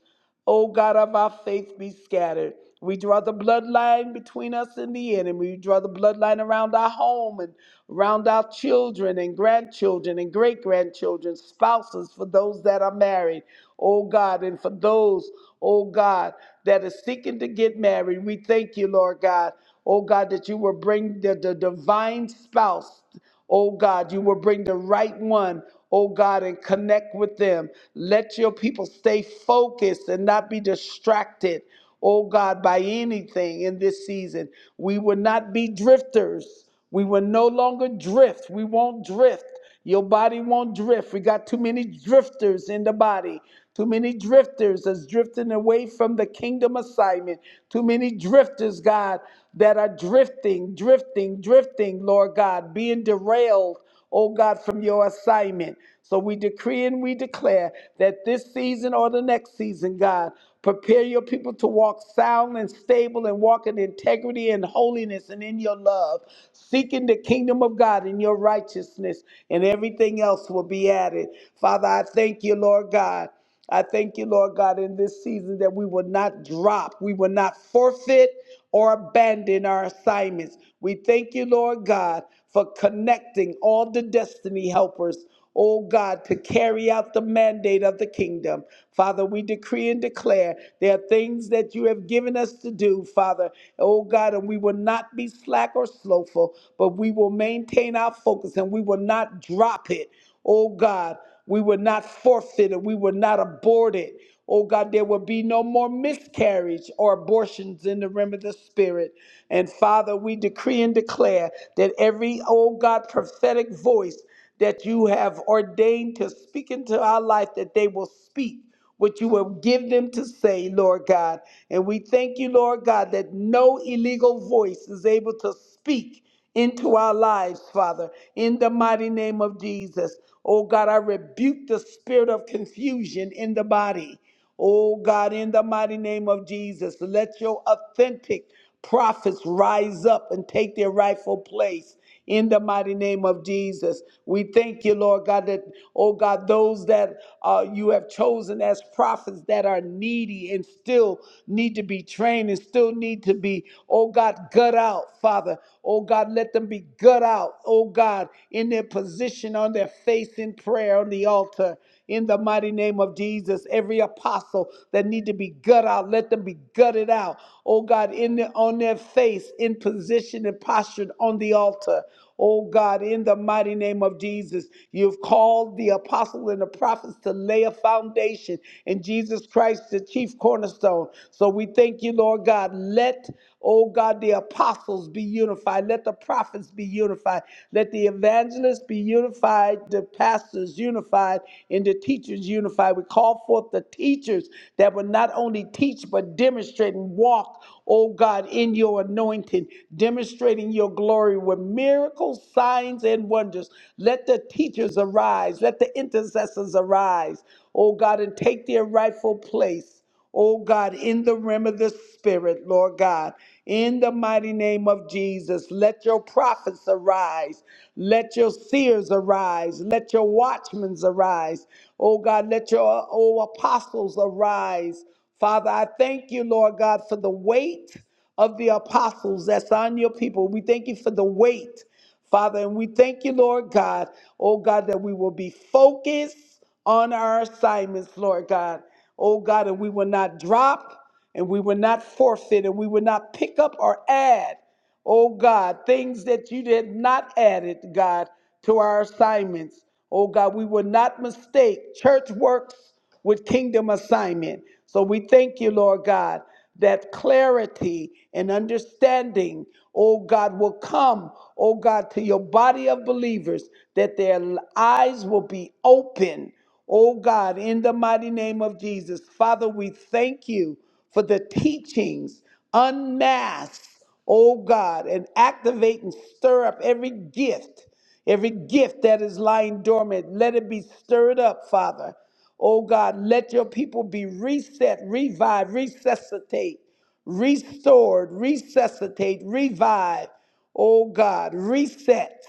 S5: O God of our faith, be scattered. We draw the bloodline between us and the enemy. We draw the bloodline around our home and around our children and grandchildren and great grandchildren, spouses for those that are married, oh God, and for those, oh God, that are seeking to get married. We thank you, Lord God, oh God, that you will bring the, the divine spouse. Oh God, you will bring the right one, oh God, and connect with them. Let your people stay focused and not be distracted, oh God, by anything in this season. We will not be drifters. We will no longer drift. We won't drift. Your body won't drift. We got too many drifters in the body. Too many drifters that's drifting away from the kingdom assignment. Too many drifters, God, that are drifting, drifting, drifting, Lord God, being derailed, oh God, from your assignment. So we decree and we declare that this season or the next season, God, prepare your people to walk sound and stable and walk in integrity and holiness and in your love, seeking the kingdom of God in your righteousness, and everything else will be added. Father, I thank you, Lord God. I thank you, Lord God, in this season that we will not drop, we will not forfeit or abandon our assignments. We thank you, Lord God, for connecting all the destiny helpers, oh God, to carry out the mandate of the kingdom. Father, we decree and declare there are things that you have given us to do, Father, oh God, and we will not be slack or slowful, but we will maintain our focus and we will not drop it. Oh God, we will not forfeit it. We will not abort it. Oh God, there will be no more miscarriage or abortions in the realm of the spirit. And Father, we decree and declare that every, oh God, prophetic voice that you have ordained to speak into our life, that they will speak what you will give them to say, Lord God. And we thank you, Lord God, that no illegal voice is able to speak into our lives, Father, in the mighty name of Jesus. Oh God, I rebuke the spirit of confusion in the body. Oh God, in the mighty name of Jesus, let your authentic prophets rise up and take their rightful place in the mighty name of Jesus. We thank you, Lord God, that, oh God, those that uh, you have chosen as prophets that are needy and still need to be trained and still need to be, oh God, gut out, Father. Oh God, let them be gut out, oh God, in their position on their face in prayer on the altar in the mighty name of Jesus. Every apostle that need to be gut out, let them be gutted out. Oh God, in the, on their face, in position and postured on the altar. Oh God, in the mighty name of Jesus, you've called the apostle and the prophets to lay a foundation in Jesus Christ, the chief cornerstone. So we thank you, Lord God. Let, oh God, the apostles be unified. Let the prophets be unified. Let the evangelists be unified unified, the pastors unified, and the teachers unified. We call forth the teachers that would not only teach but demonstrate and walk, oh God, in your anointing, demonstrating your glory with miracles, signs, and wonders. Let the teachers arise, let the intercessors arise, oh God, and take their rightful place oh God, in the realm of the Spirit, Lord God, in the mighty name of Jesus, let your prophets arise, let your seers arise, let your watchmen arise, oh God, let your oh, apostles arise. Father, I thank you, Lord God, for the weight of the apostles that's on your people. We thank you for the weight, Father, and we thank you, Lord God, oh God, that we will be focused focus on our assignments, Lord God. Oh God, and we will not drop and we will not forfeit and we will not pick up or add oh God, things that you did not added, God, to our assignments. Oh God, we will not mistake church works with kingdom assignment. So we thank you, Lord God, that clarity and understanding, oh God, will come, oh God, to your body of believers, that their eyes will be open. Oh God, in the mighty name of Jesus, Father, we thank you for the teachings unmasked oh God, and activate and stir up every gift, every gift that is lying dormant. Let it be stirred up, Father. Oh God, let your people be reset, revive, resuscitate, restored, resuscitate, revive. Oh God, reset.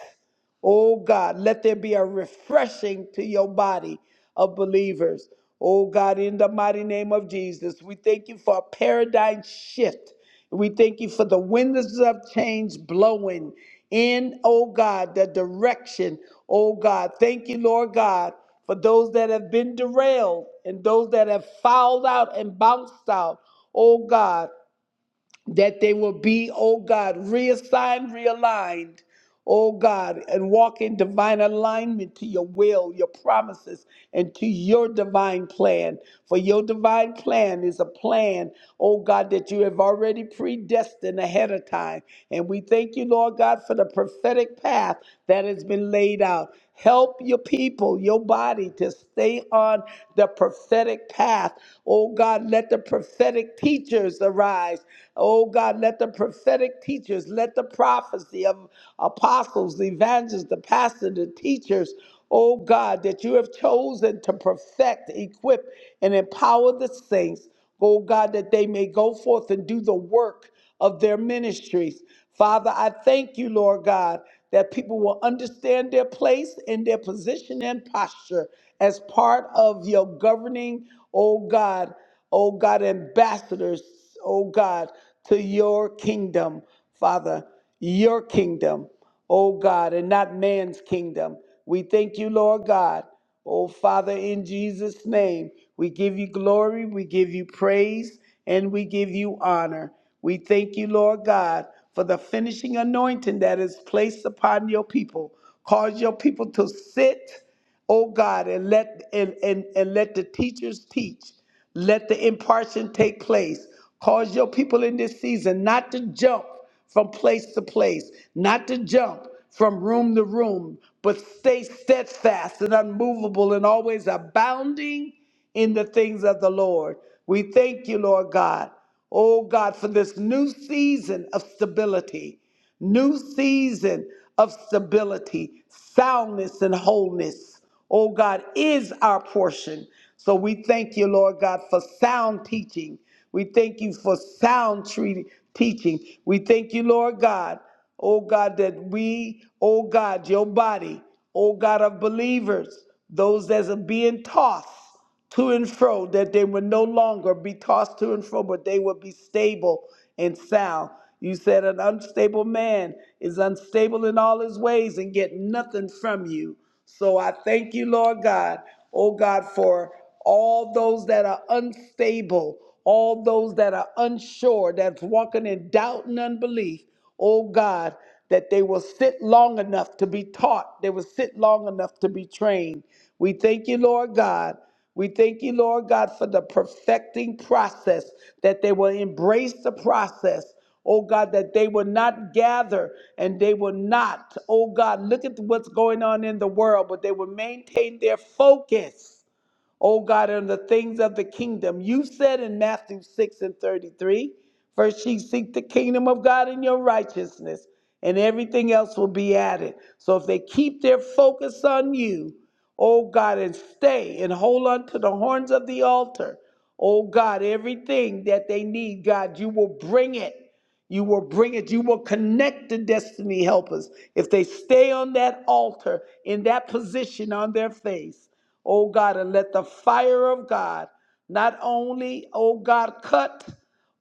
S5: Oh God, let there be a refreshing to your body of believers. Oh God, in the mighty name of Jesus, we thank you for a paradigm shift. We thank you for the winds of change blowing in, oh God, the direction. Oh God, thank you, Lord God, for those that have been derailed and those that have fouled out and bounced out. Oh God, that they will be, oh God, reassigned, realigned, oh God, and walk in divine alignment to your will, your promises, and to your divine plan. For your divine plan is a plan, oh God, that you have already predestined ahead of time. And we thank you, Lord God, for the prophetic path that has been laid out. Help your people, your body to stay on the prophetic path. Oh God, let the prophetic teachers arise. Oh God, let the prophetic teachers, let the prophecy of apostles, the evangelists, the pastors, the teachers, oh God, that you have chosen to perfect, equip, and empower the saints. Oh God, that they may go forth and do the work of their ministries. Father, I thank you, Lord God, that people will understand their place and their position and posture as part of your governing, oh God, oh God, ambassadors, oh God, to your kingdom, Father, your kingdom, oh God, and not man's kingdom. We thank you, Lord God. Oh, Father, in Jesus' name, we give you glory, we give you praise, and we give you honor. We thank you, Lord God, for the finishing anointing that is placed upon your people. Cause your people to sit, oh God, and let and, and, and let the teachers teach. Let the impartation take place. Cause your people in this season not to jump from place to place, not to jump from room to room, but stay steadfast and unmovable and always abounding in the things of the Lord. We thank you, Lord God. Oh God, for this new season of stability new season of stability, soundness, and wholeness. Oh God, is our portion. So we thank you, Lord God, for sound teaching. We thank you for sound treating, teaching. We thank you, Lord God, oh God, that we, oh God, your body, oh God of believers, those that are being taught to and fro, that they would no longer be tossed to and fro, but they would be stable and sound. You said an unstable man is unstable in all his ways and get nothing from you. So I thank you, Lord God, oh God, for all those that are unstable, all those that are unsure, that's walking in doubt and unbelief, oh God, that they will sit long enough to be taught, they will sit long enough to be trained. We thank you, Lord God. We thank you, Lord God, for the perfecting process, that they will embrace the process. Oh God, that they will not gather and they will not, oh God, look at what's going on in the world, but they will maintain their focus oh God, and the things of the kingdom. You said in Matthew 6 and 33, first ye seek the kingdom of God and your righteousness, and everything else will be added. So if they keep their focus on you, oh God, and stay and hold on to the horns of the altar, oh God, everything that they need, God, you will bring it. You will bring it. You will connect the destiny helpers if they stay on that altar in that position on their face oh God, and let the fire of God not only, oh God, cut,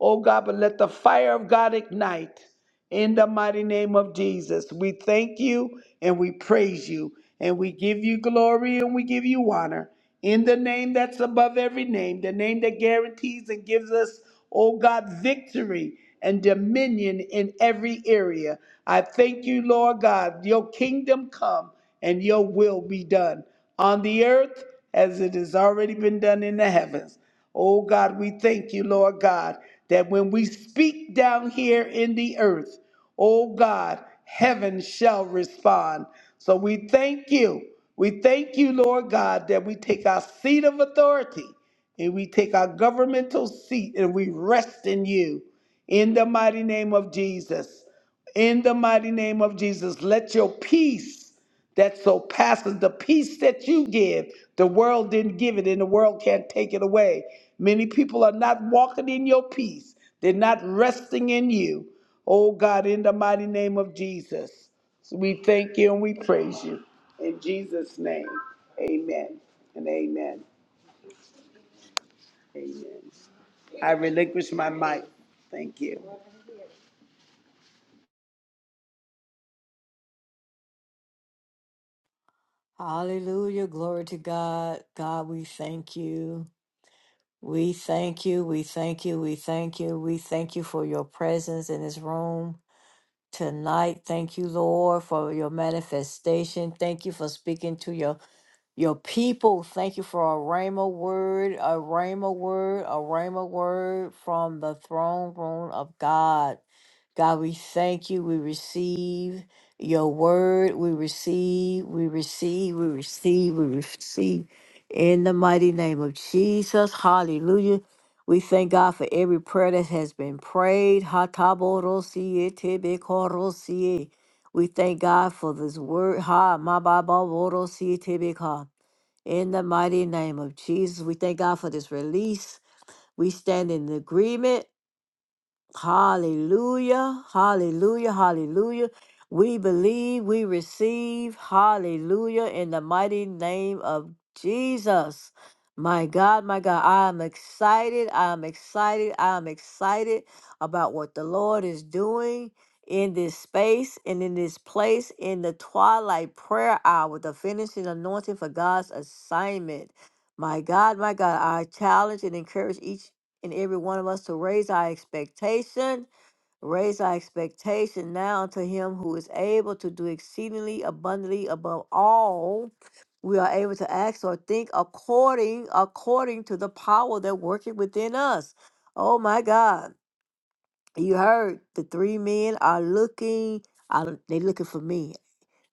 S5: oh God, but let the fire of God ignite. In the mighty name of Jesus, we thank you and we praise you and we give you glory and we give you honor. In the name that's above every name, the name that guarantees and gives us, oh God, victory and dominion in every area. I thank you, Lord God, your kingdom come and your will be done on the earth as it has already been done in the heavens. Oh God, we thank you, Lord God, that when we speak down here in the earth, oh God, heaven shall respond. So we thank you. We thank you, Lord God, that we take our seat of authority and we take our governmental seat and we rest in you. In the mighty name of Jesus. In the mighty name of Jesus, let your peace that surpasses the peace that you give. The world didn't give it, and the world can't take it away. Many people are not walking in your peace, they're not resting in you. Oh God, in the mighty name of Jesus, we thank you and we praise you. In Jesus' name, amen and amen. Amen. I relinquish my mic. Thank you.
S1: Hallelujah. Glory to God. God, we thank you. We thank you. We thank you. We thank you. We thank you for your presence in this room tonight. Thank you, Lord, for your manifestation. Thank you for speaking to your Your people, thank you for a rhema word, a rhema word, a rhema word from the throne room of God. God, we thank you. We receive your word. We receive, we receive, we receive, we receive in the mighty name of Jesus. Hallelujah. We thank God for every prayer that has been prayed. Hatabodosie, tebekorosie. We thank God for this word. Ha, mabababodosie, tebeka. In the mighty name of Jesus, we thank God for this release. We stand in agreement Hallelujah, hallelujah, hallelujah. We believe, we receive, hallelujah, in the mighty name of Jesus. My God, my God, I'm excited, I'm excited, I'm excited about what the Lord is doing in this space and in this place in the twilight prayer hour, the finishing anointing for God's assignment. My God, my God, I challenge and encourage each and every one of us to raise our expectation, raise our expectation now unto Him who is able to do exceedingly abundantly above all we are able to act or think according according to the power that working within us. Oh my God! You heard the three men are looking. I, they looking for me.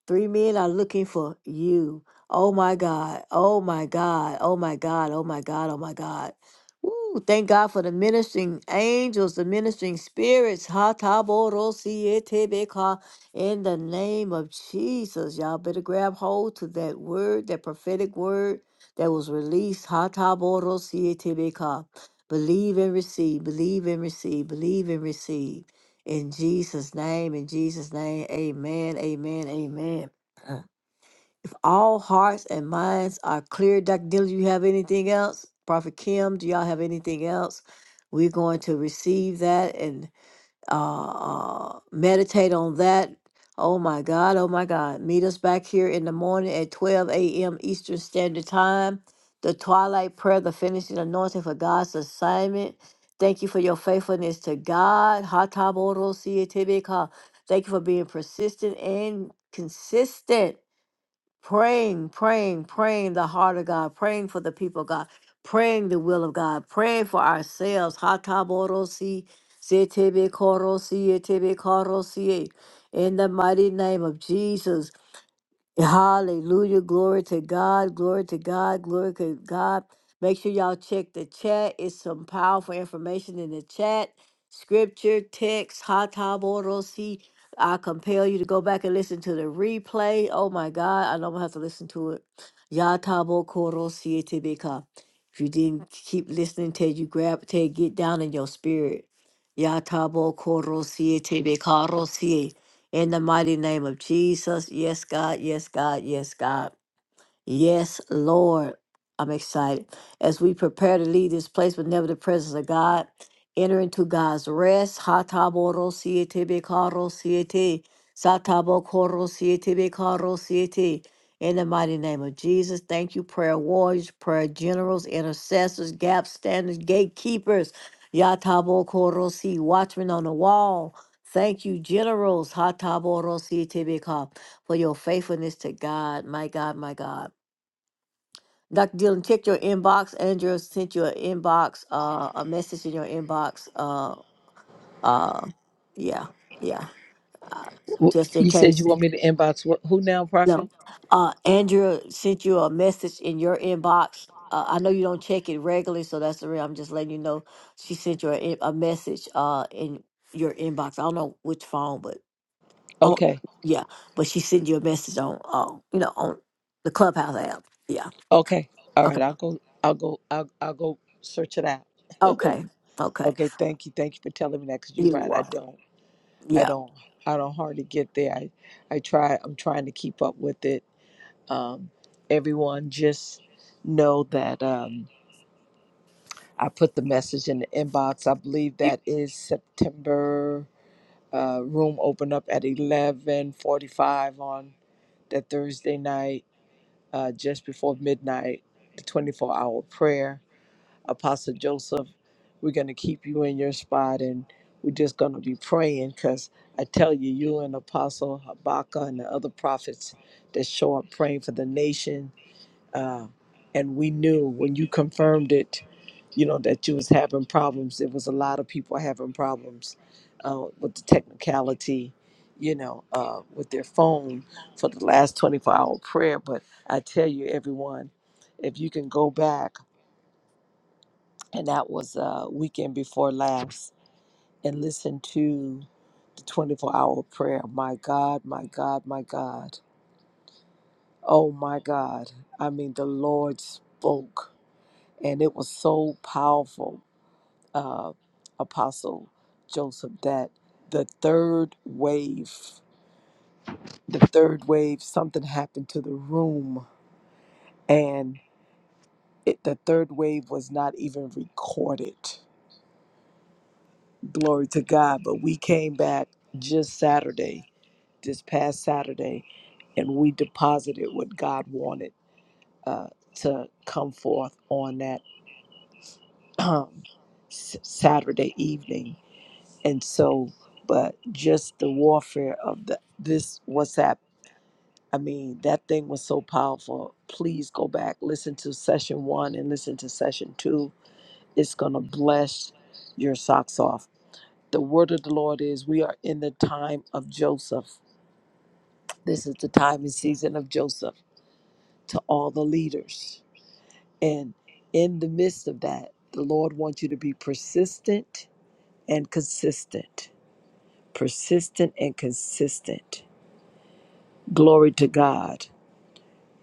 S1: Three men are looking for you. Oh my God. Oh my God. Oh my God. Oh my God. Oh my God. Woo, thank God for the ministering angels, the ministering spirits. Ha ta bo ro si e te be ka. In the name of Jesus, y'all better grab hold to that word, that prophetic word that was released. Ha ta bo ro si e te be ka. Believe and receive, believe and receive, believe and receive. In Jesus' name, in Jesus' name, amen, amen, amen. If all hearts and minds are clear, Dr. Dillon, you have anything else? Prophet Kim, do y'all have anything else? We're going to receive that and uh, uh, meditate on that. Oh my God, oh my God. Meet us back here in the morning at 12 a.m. Eastern Standard Time. The twilight prayer, the finishing anointing for God's assignment. Thank you for your faithfulness to God. Hataboro sietebeka. Thank you for being persistent and consistent praying, praying, praying the heart of God, praying for the people of God, praying the will of God, praying for ourselves. Hataborosi, zetebekorosi, etebekorosi. In the mighty name of Jesus, Hallelujah. Glory to God. Glory to God. Glory to God. Make sure y'all check the chat. It's some powerful information in the chat. Scripture, text, hataborosi. I compel you to go back and listen to the replay. Oh my God. I know I'm gonna have to listen to it. Yatabokorosi etibika. If you didn't keep listening till you grab till it get down in your spirit. Yatabokorosi etibika in the mighty name of Jesus, yes, God, yes, God, yes, God. Yes, Lord. I'm excited. As we prepare to leave this place, but never the presence of God, enter into God's rest. Hataboro siete bekaro siete. Satabo koro siete bekaro siete. In the mighty name of Jesus, thank you, prayer warriors, prayer generals, intercessors, gap standers, gatekeepers. Yatabo koro si, watchmen on the wall. Thank you, generals. Hataboro siete beka. For your faithfulness to God, my God, my God. Dr. Dillon, check your inbox. Andrew sent you an inbox, uh, a message in your inbox. Uh, uh, yeah, yeah. Uh,
S2: W-
S1: just in
S2: You said
S1: case,
S2: you want me to inbox wh- who now,
S1: no.
S2: Prophet?
S1: Uh, Andrew sent you a message in your inbox. Uh, I know you don't check it regularly, so that's the reason I'm just letting you know she sent you a, in- a message uh in your inbox. I don't know which phone, but on
S2: Okay.
S1: yeah, but she sent you a message on uh, you know on the Clubhouse app. Yeah.
S2: Okay. All right.
S1: Okay.
S2: I'll go. I'll go. I'll, I'll go search it out. (laughs)
S1: Okay. Okay.
S2: Okay. Thank you. Thank you for telling me that because you're
S1: You're
S2: right. I
S1: welcome.
S2: don't. I
S1: Yeah.
S2: don't I don't hardly get there. I I try I'm trying to keep up with it. Um, everyone just know that um, I put the message in the inbox. I believe that is September uh, room open up at 11:45 on that Thursday night, uh, just before midnight, the 24 hour prayer. Apostle Joseph, we're going to keep you in your spot and we're just going to be praying because I tell you, you and Apostle Habakkuk and the other prophets that show up praying for the nation. Uh, and we knew when you confirmed it, you know, that you was having problems. There was a lot of people having problems uh, with the technicality, you know, uh, with their phone for the last 24 hour prayer. But I tell you, everyone, if you can go back, and that was uh, weekend before last, and listened to the 24 hour prayer. My God, my God, my God. Oh my God. I mean, the Lord spoke, and it was so powerful, uh, Apostle Joseph, that the third wave, the third wave, something happened to the room, and it, the third wave was not even recorded. Glory to God. But we came back just Saturday this past Saturday, and we deposited what God wanted uh, to come forth on that um, s- Saturday evening. And so, but just the warfare of the this WhatsApp. I mean, that thing was so powerful. Please go back, listen to session one, and listen to session two. It's gonna bless your socks off. The word of the Lord is we are in the time of Joseph. This is the time and season of Joseph to all the leaders. And in the midst of that, the Lord wants you to be persistent and consistent. Persistent and consistent. Glory to God.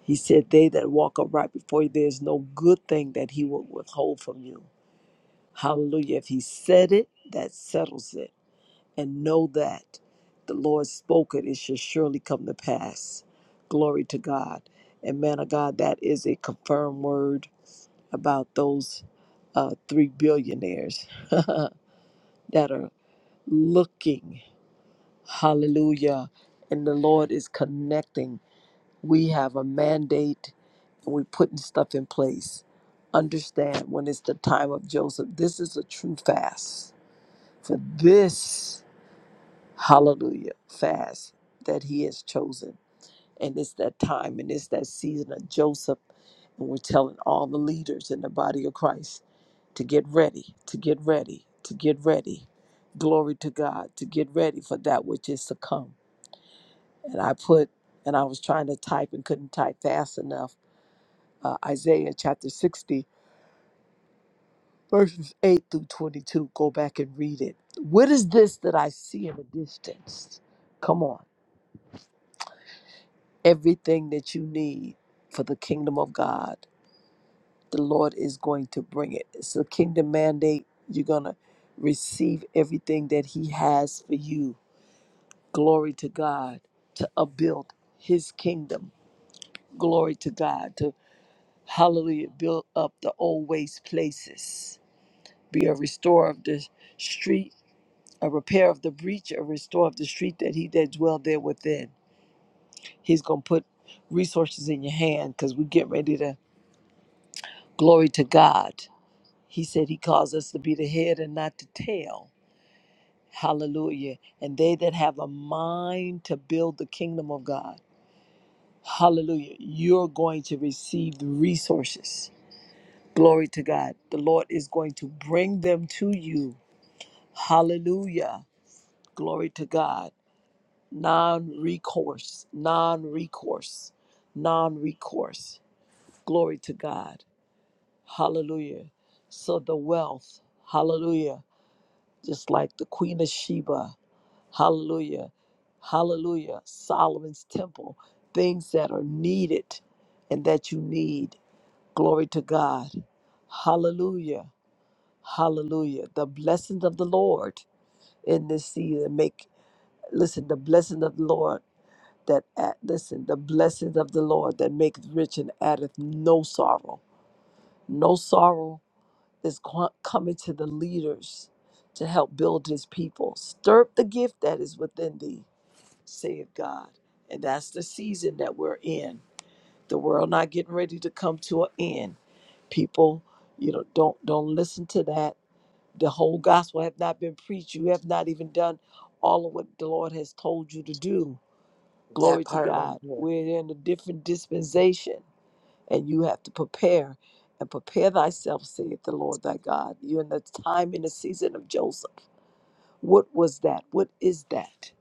S2: He said, They that walk upright before you, there's no good thing that He will withhold from you. Hallelujah. If He said it, that settles it. And know that the Lord spoke it, it shall surely come to pass. Glory to God. And man of God, that is a confirmed word about those uh, three billionaires (laughs) that are looking. Hallelujah. And the Lord is connecting. We have a mandate and we're putting stuff in place. Understand when it's the time of Joseph, this is a true fast. For this, hallelujah, fast that he has chosen. And it's that time and it's that season of Joseph. And we're telling all the leaders in the body of Christ to get ready, to get ready, to get ready. Glory to God, to get ready for that which is to come. And I put, and I was trying to type and couldn't type fast enough. Uh, Isaiah chapter 60, verses 8 through 22. Go back and read it. What is this that I see in the distance? Come on. Everything that you need for the kingdom of God, the Lord is going to bring it. It's a kingdom mandate. You're going to receive everything that He has for you glory to God, to upbuild his kingdom. Glory to God, to hallelujah, build up the old waste places. Be a restorer of the street, a repair of the breach, a restore of the street that he that dwell there within. He's going to put resources in your hand because we get ready to glory to God. He said he calls us to be the head and not the tail. Hallelujah. And they that have a mind to build the kingdom of God. Hallelujah. You're going to receive the resources. Glory to God. The Lord is going to bring them to you. Hallelujah. Glory to God. Non recourse, non recourse, non recourse. Glory to God. Hallelujah. So the wealth, hallelujah, just like the Queen of Sheba, hallelujah, hallelujah, Solomon's temple, things that are needed and that you need. Glory to God. Hallelujah. Hallelujah. The blessings of the Lord in this season make, listen, the blessing of the Lord that, at, listen, the blessings of the Lord that maketh rich and addeth no sorrow. No sorrow is co- coming to the leaders to help build his people. Stir up the gift that is within thee, saith God. And that's the season that we're in the world not getting ready to come to an end people you know don't don't listen to that the whole gospel have not been preached you have not even done all of what the lord has told you to do glory
S4: That
S2: to
S4: part right
S2: god
S4: there.
S2: we're in a different dispensation and you have to prepare and prepare thyself saith the lord thy god you're in the time in the season of joseph what was that what is that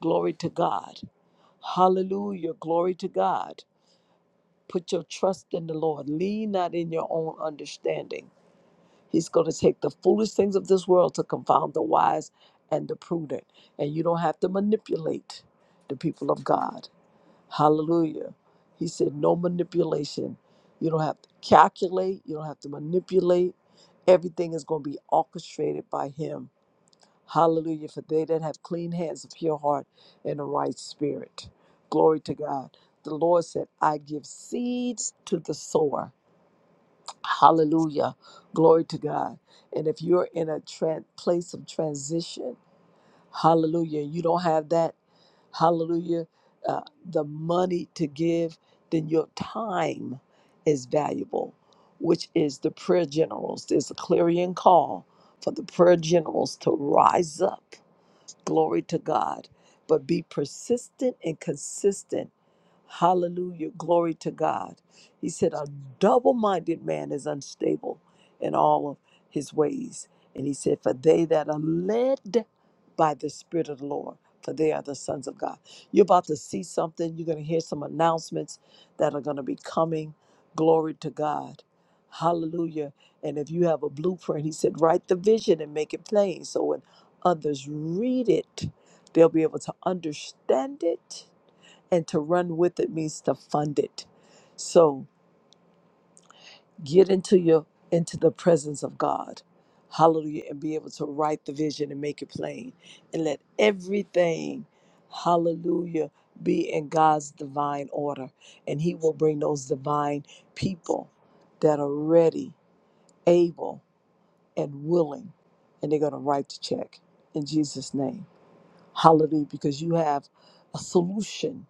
S2: glory to god hallelujah glory to god Put your trust in the Lord. Lean not in your own understanding. He's going to take the foolish things of this world to confound the wise and the prudent. And you don't have to manipulate the people of God. Hallelujah. He said, no manipulation. You don't have to calculate, you don't have to manipulate. Everything is going to be orchestrated by Him. Hallelujah. For they that have clean hands, a pure heart, and a right spirit. Glory to God. The Lord said, I give seed to the sower. Hallelujah. Glory to God. And if you're in a tran place of transition, hallelujah, you don't have that, hallelujah, uh, the money to give, then your time is valuable, which is the prayer generals. There's a clarion call for the prayer generals to rise up Glory to God. But be persistent and consistent. Hallelujah. Glory to God. He said, A double minded man is unstable in all of his ways. And he said, For they that are led by the Spirit of the Lord, for they are the sons of God. You're about to see something. You're going to hear some announcements that are going to be coming. Glory to God. Hallelujah. And if you have a blueprint, he said, write the vision and make it plain. So when others read it, they'll be able to understand it. And to run with it means to fund it. So get into your into the presence of God. Hallelujah. And be able to write the vision and make it plain. And let everything, hallelujah, be in God's divine order. And He will bring those divine people that are ready, able, and willing. And they're going to write the check in Jesus' name. Hallelujah. Because you have a solution.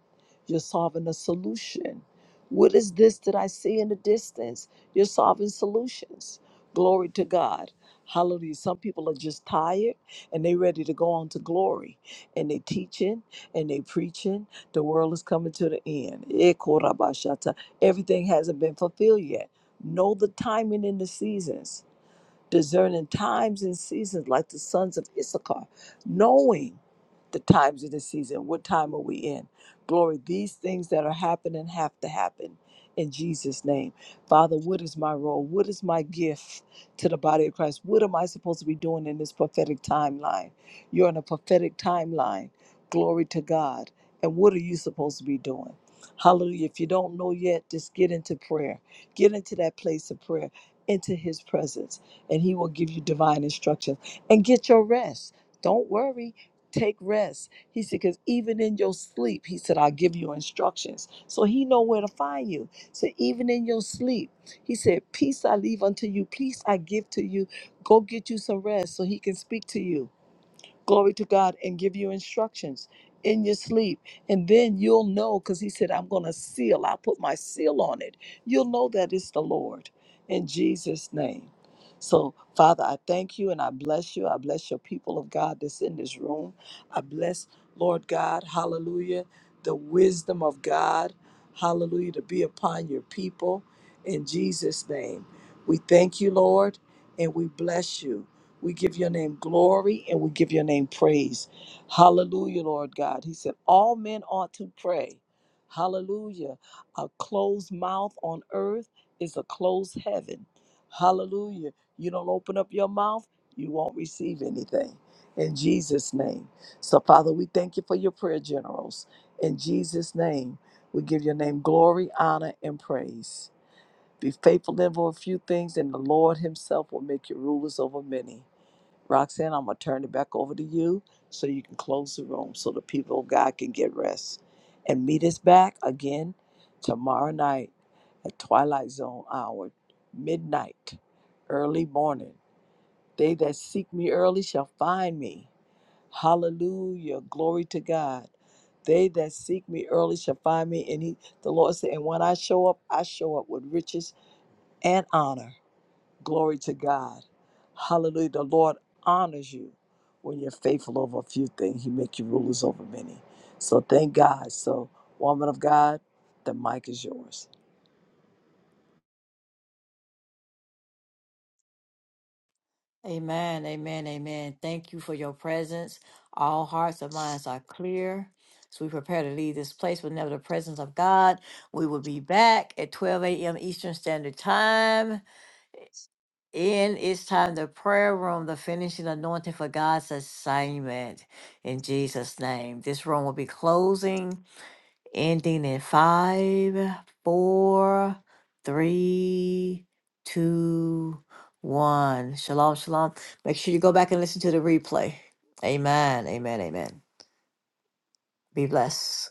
S2: You're solving a solution. What is this that I see in the distance? You're solving solutions. Glory to God. Hallelujah. Some people are just tired and they ready to go on to glory. And they teaching and they preaching. The world is coming to the end. Eh, korabashata. Everything hasn't been fulfilled yet. Know the timing and the seasons discerning times and seasons like the sons of Issachar, knowing the times of the season. What time are we in? Glory, these things that are happening have to happen in Jesus' name. Father, what is my role? What is my gift to the body of Christ? What am I supposed to be doing in this prophetic timeline? You're in a prophetic timeline. Glory to God. And what are you supposed to be doing? Hallelujah. If you don't know yet, just get into prayer. Get into that place of prayer, into his presence and He will give you divine instructions. And get your rest. Don't worry. Take rest. He said, because even in your sleep, he said, I'll give you instructions. So he know where to find you. So even in your sleep, he said, Peace I leave unto you, peace I give to you. Go get you some rest so he can speak to you glory to God, and give you instructions in your sleep. And then you'll know, because he said, I'm going to seal, I'll put my seal on it. You'll know that it's the Lord in Jesus' name. So, Father, I thank you and I bless you. I bless your people of God that's in this room. I bless, Lord God, hallelujah, the wisdom of God, hallelujah, to be upon your people in Jesus' name. We thank you, Lord, and we bless you. We give your name glory and we give your name praise. Hallelujah, Lord God. He said, All men ought to pray. Hallelujah. A closed mouth on earth is a closed heaven. Hallelujah. You don't open up your mouth, you won't receive anything. In Jesus' name. So, Father, we thank you for your prayer generals. In Jesus' name, we give your name glory, honor, and praise. Be faithful in a few things, and the Lord Himself will make you rulers over many. Roxanne, I'm going to turn it back over to you so you can close the room so the people of God can get rest. And meet us back again tomorrow night at Twilight Zone hour, midnight, early morning. They that seek me early shall find me. Hallelujah. Glory to God. They that seek me early shall find me. And he, the Lord said, and when I show up, I show up with riches and honor. Glory to God. Hallelujah. The Lord honors you when you're faithful over a few things. He make you rulers over many. So thank God. So, woman of God, the mic is yours.
S1: Amen, amen, amen. Thank you for your presence. All hearts and minds are clear. So we prepare to leave this place with never the presence of God. We will be back at 12 a.m. Eastern Standard Time. In it's time the prayer room, the finishing anointing for God's assignment. In Jesus' name, this room will be closing. ending in five, four, three, two, one. Shalom, shalom. Make sure you go back and listen to the replay. Amen, amen, amen. Be blessed.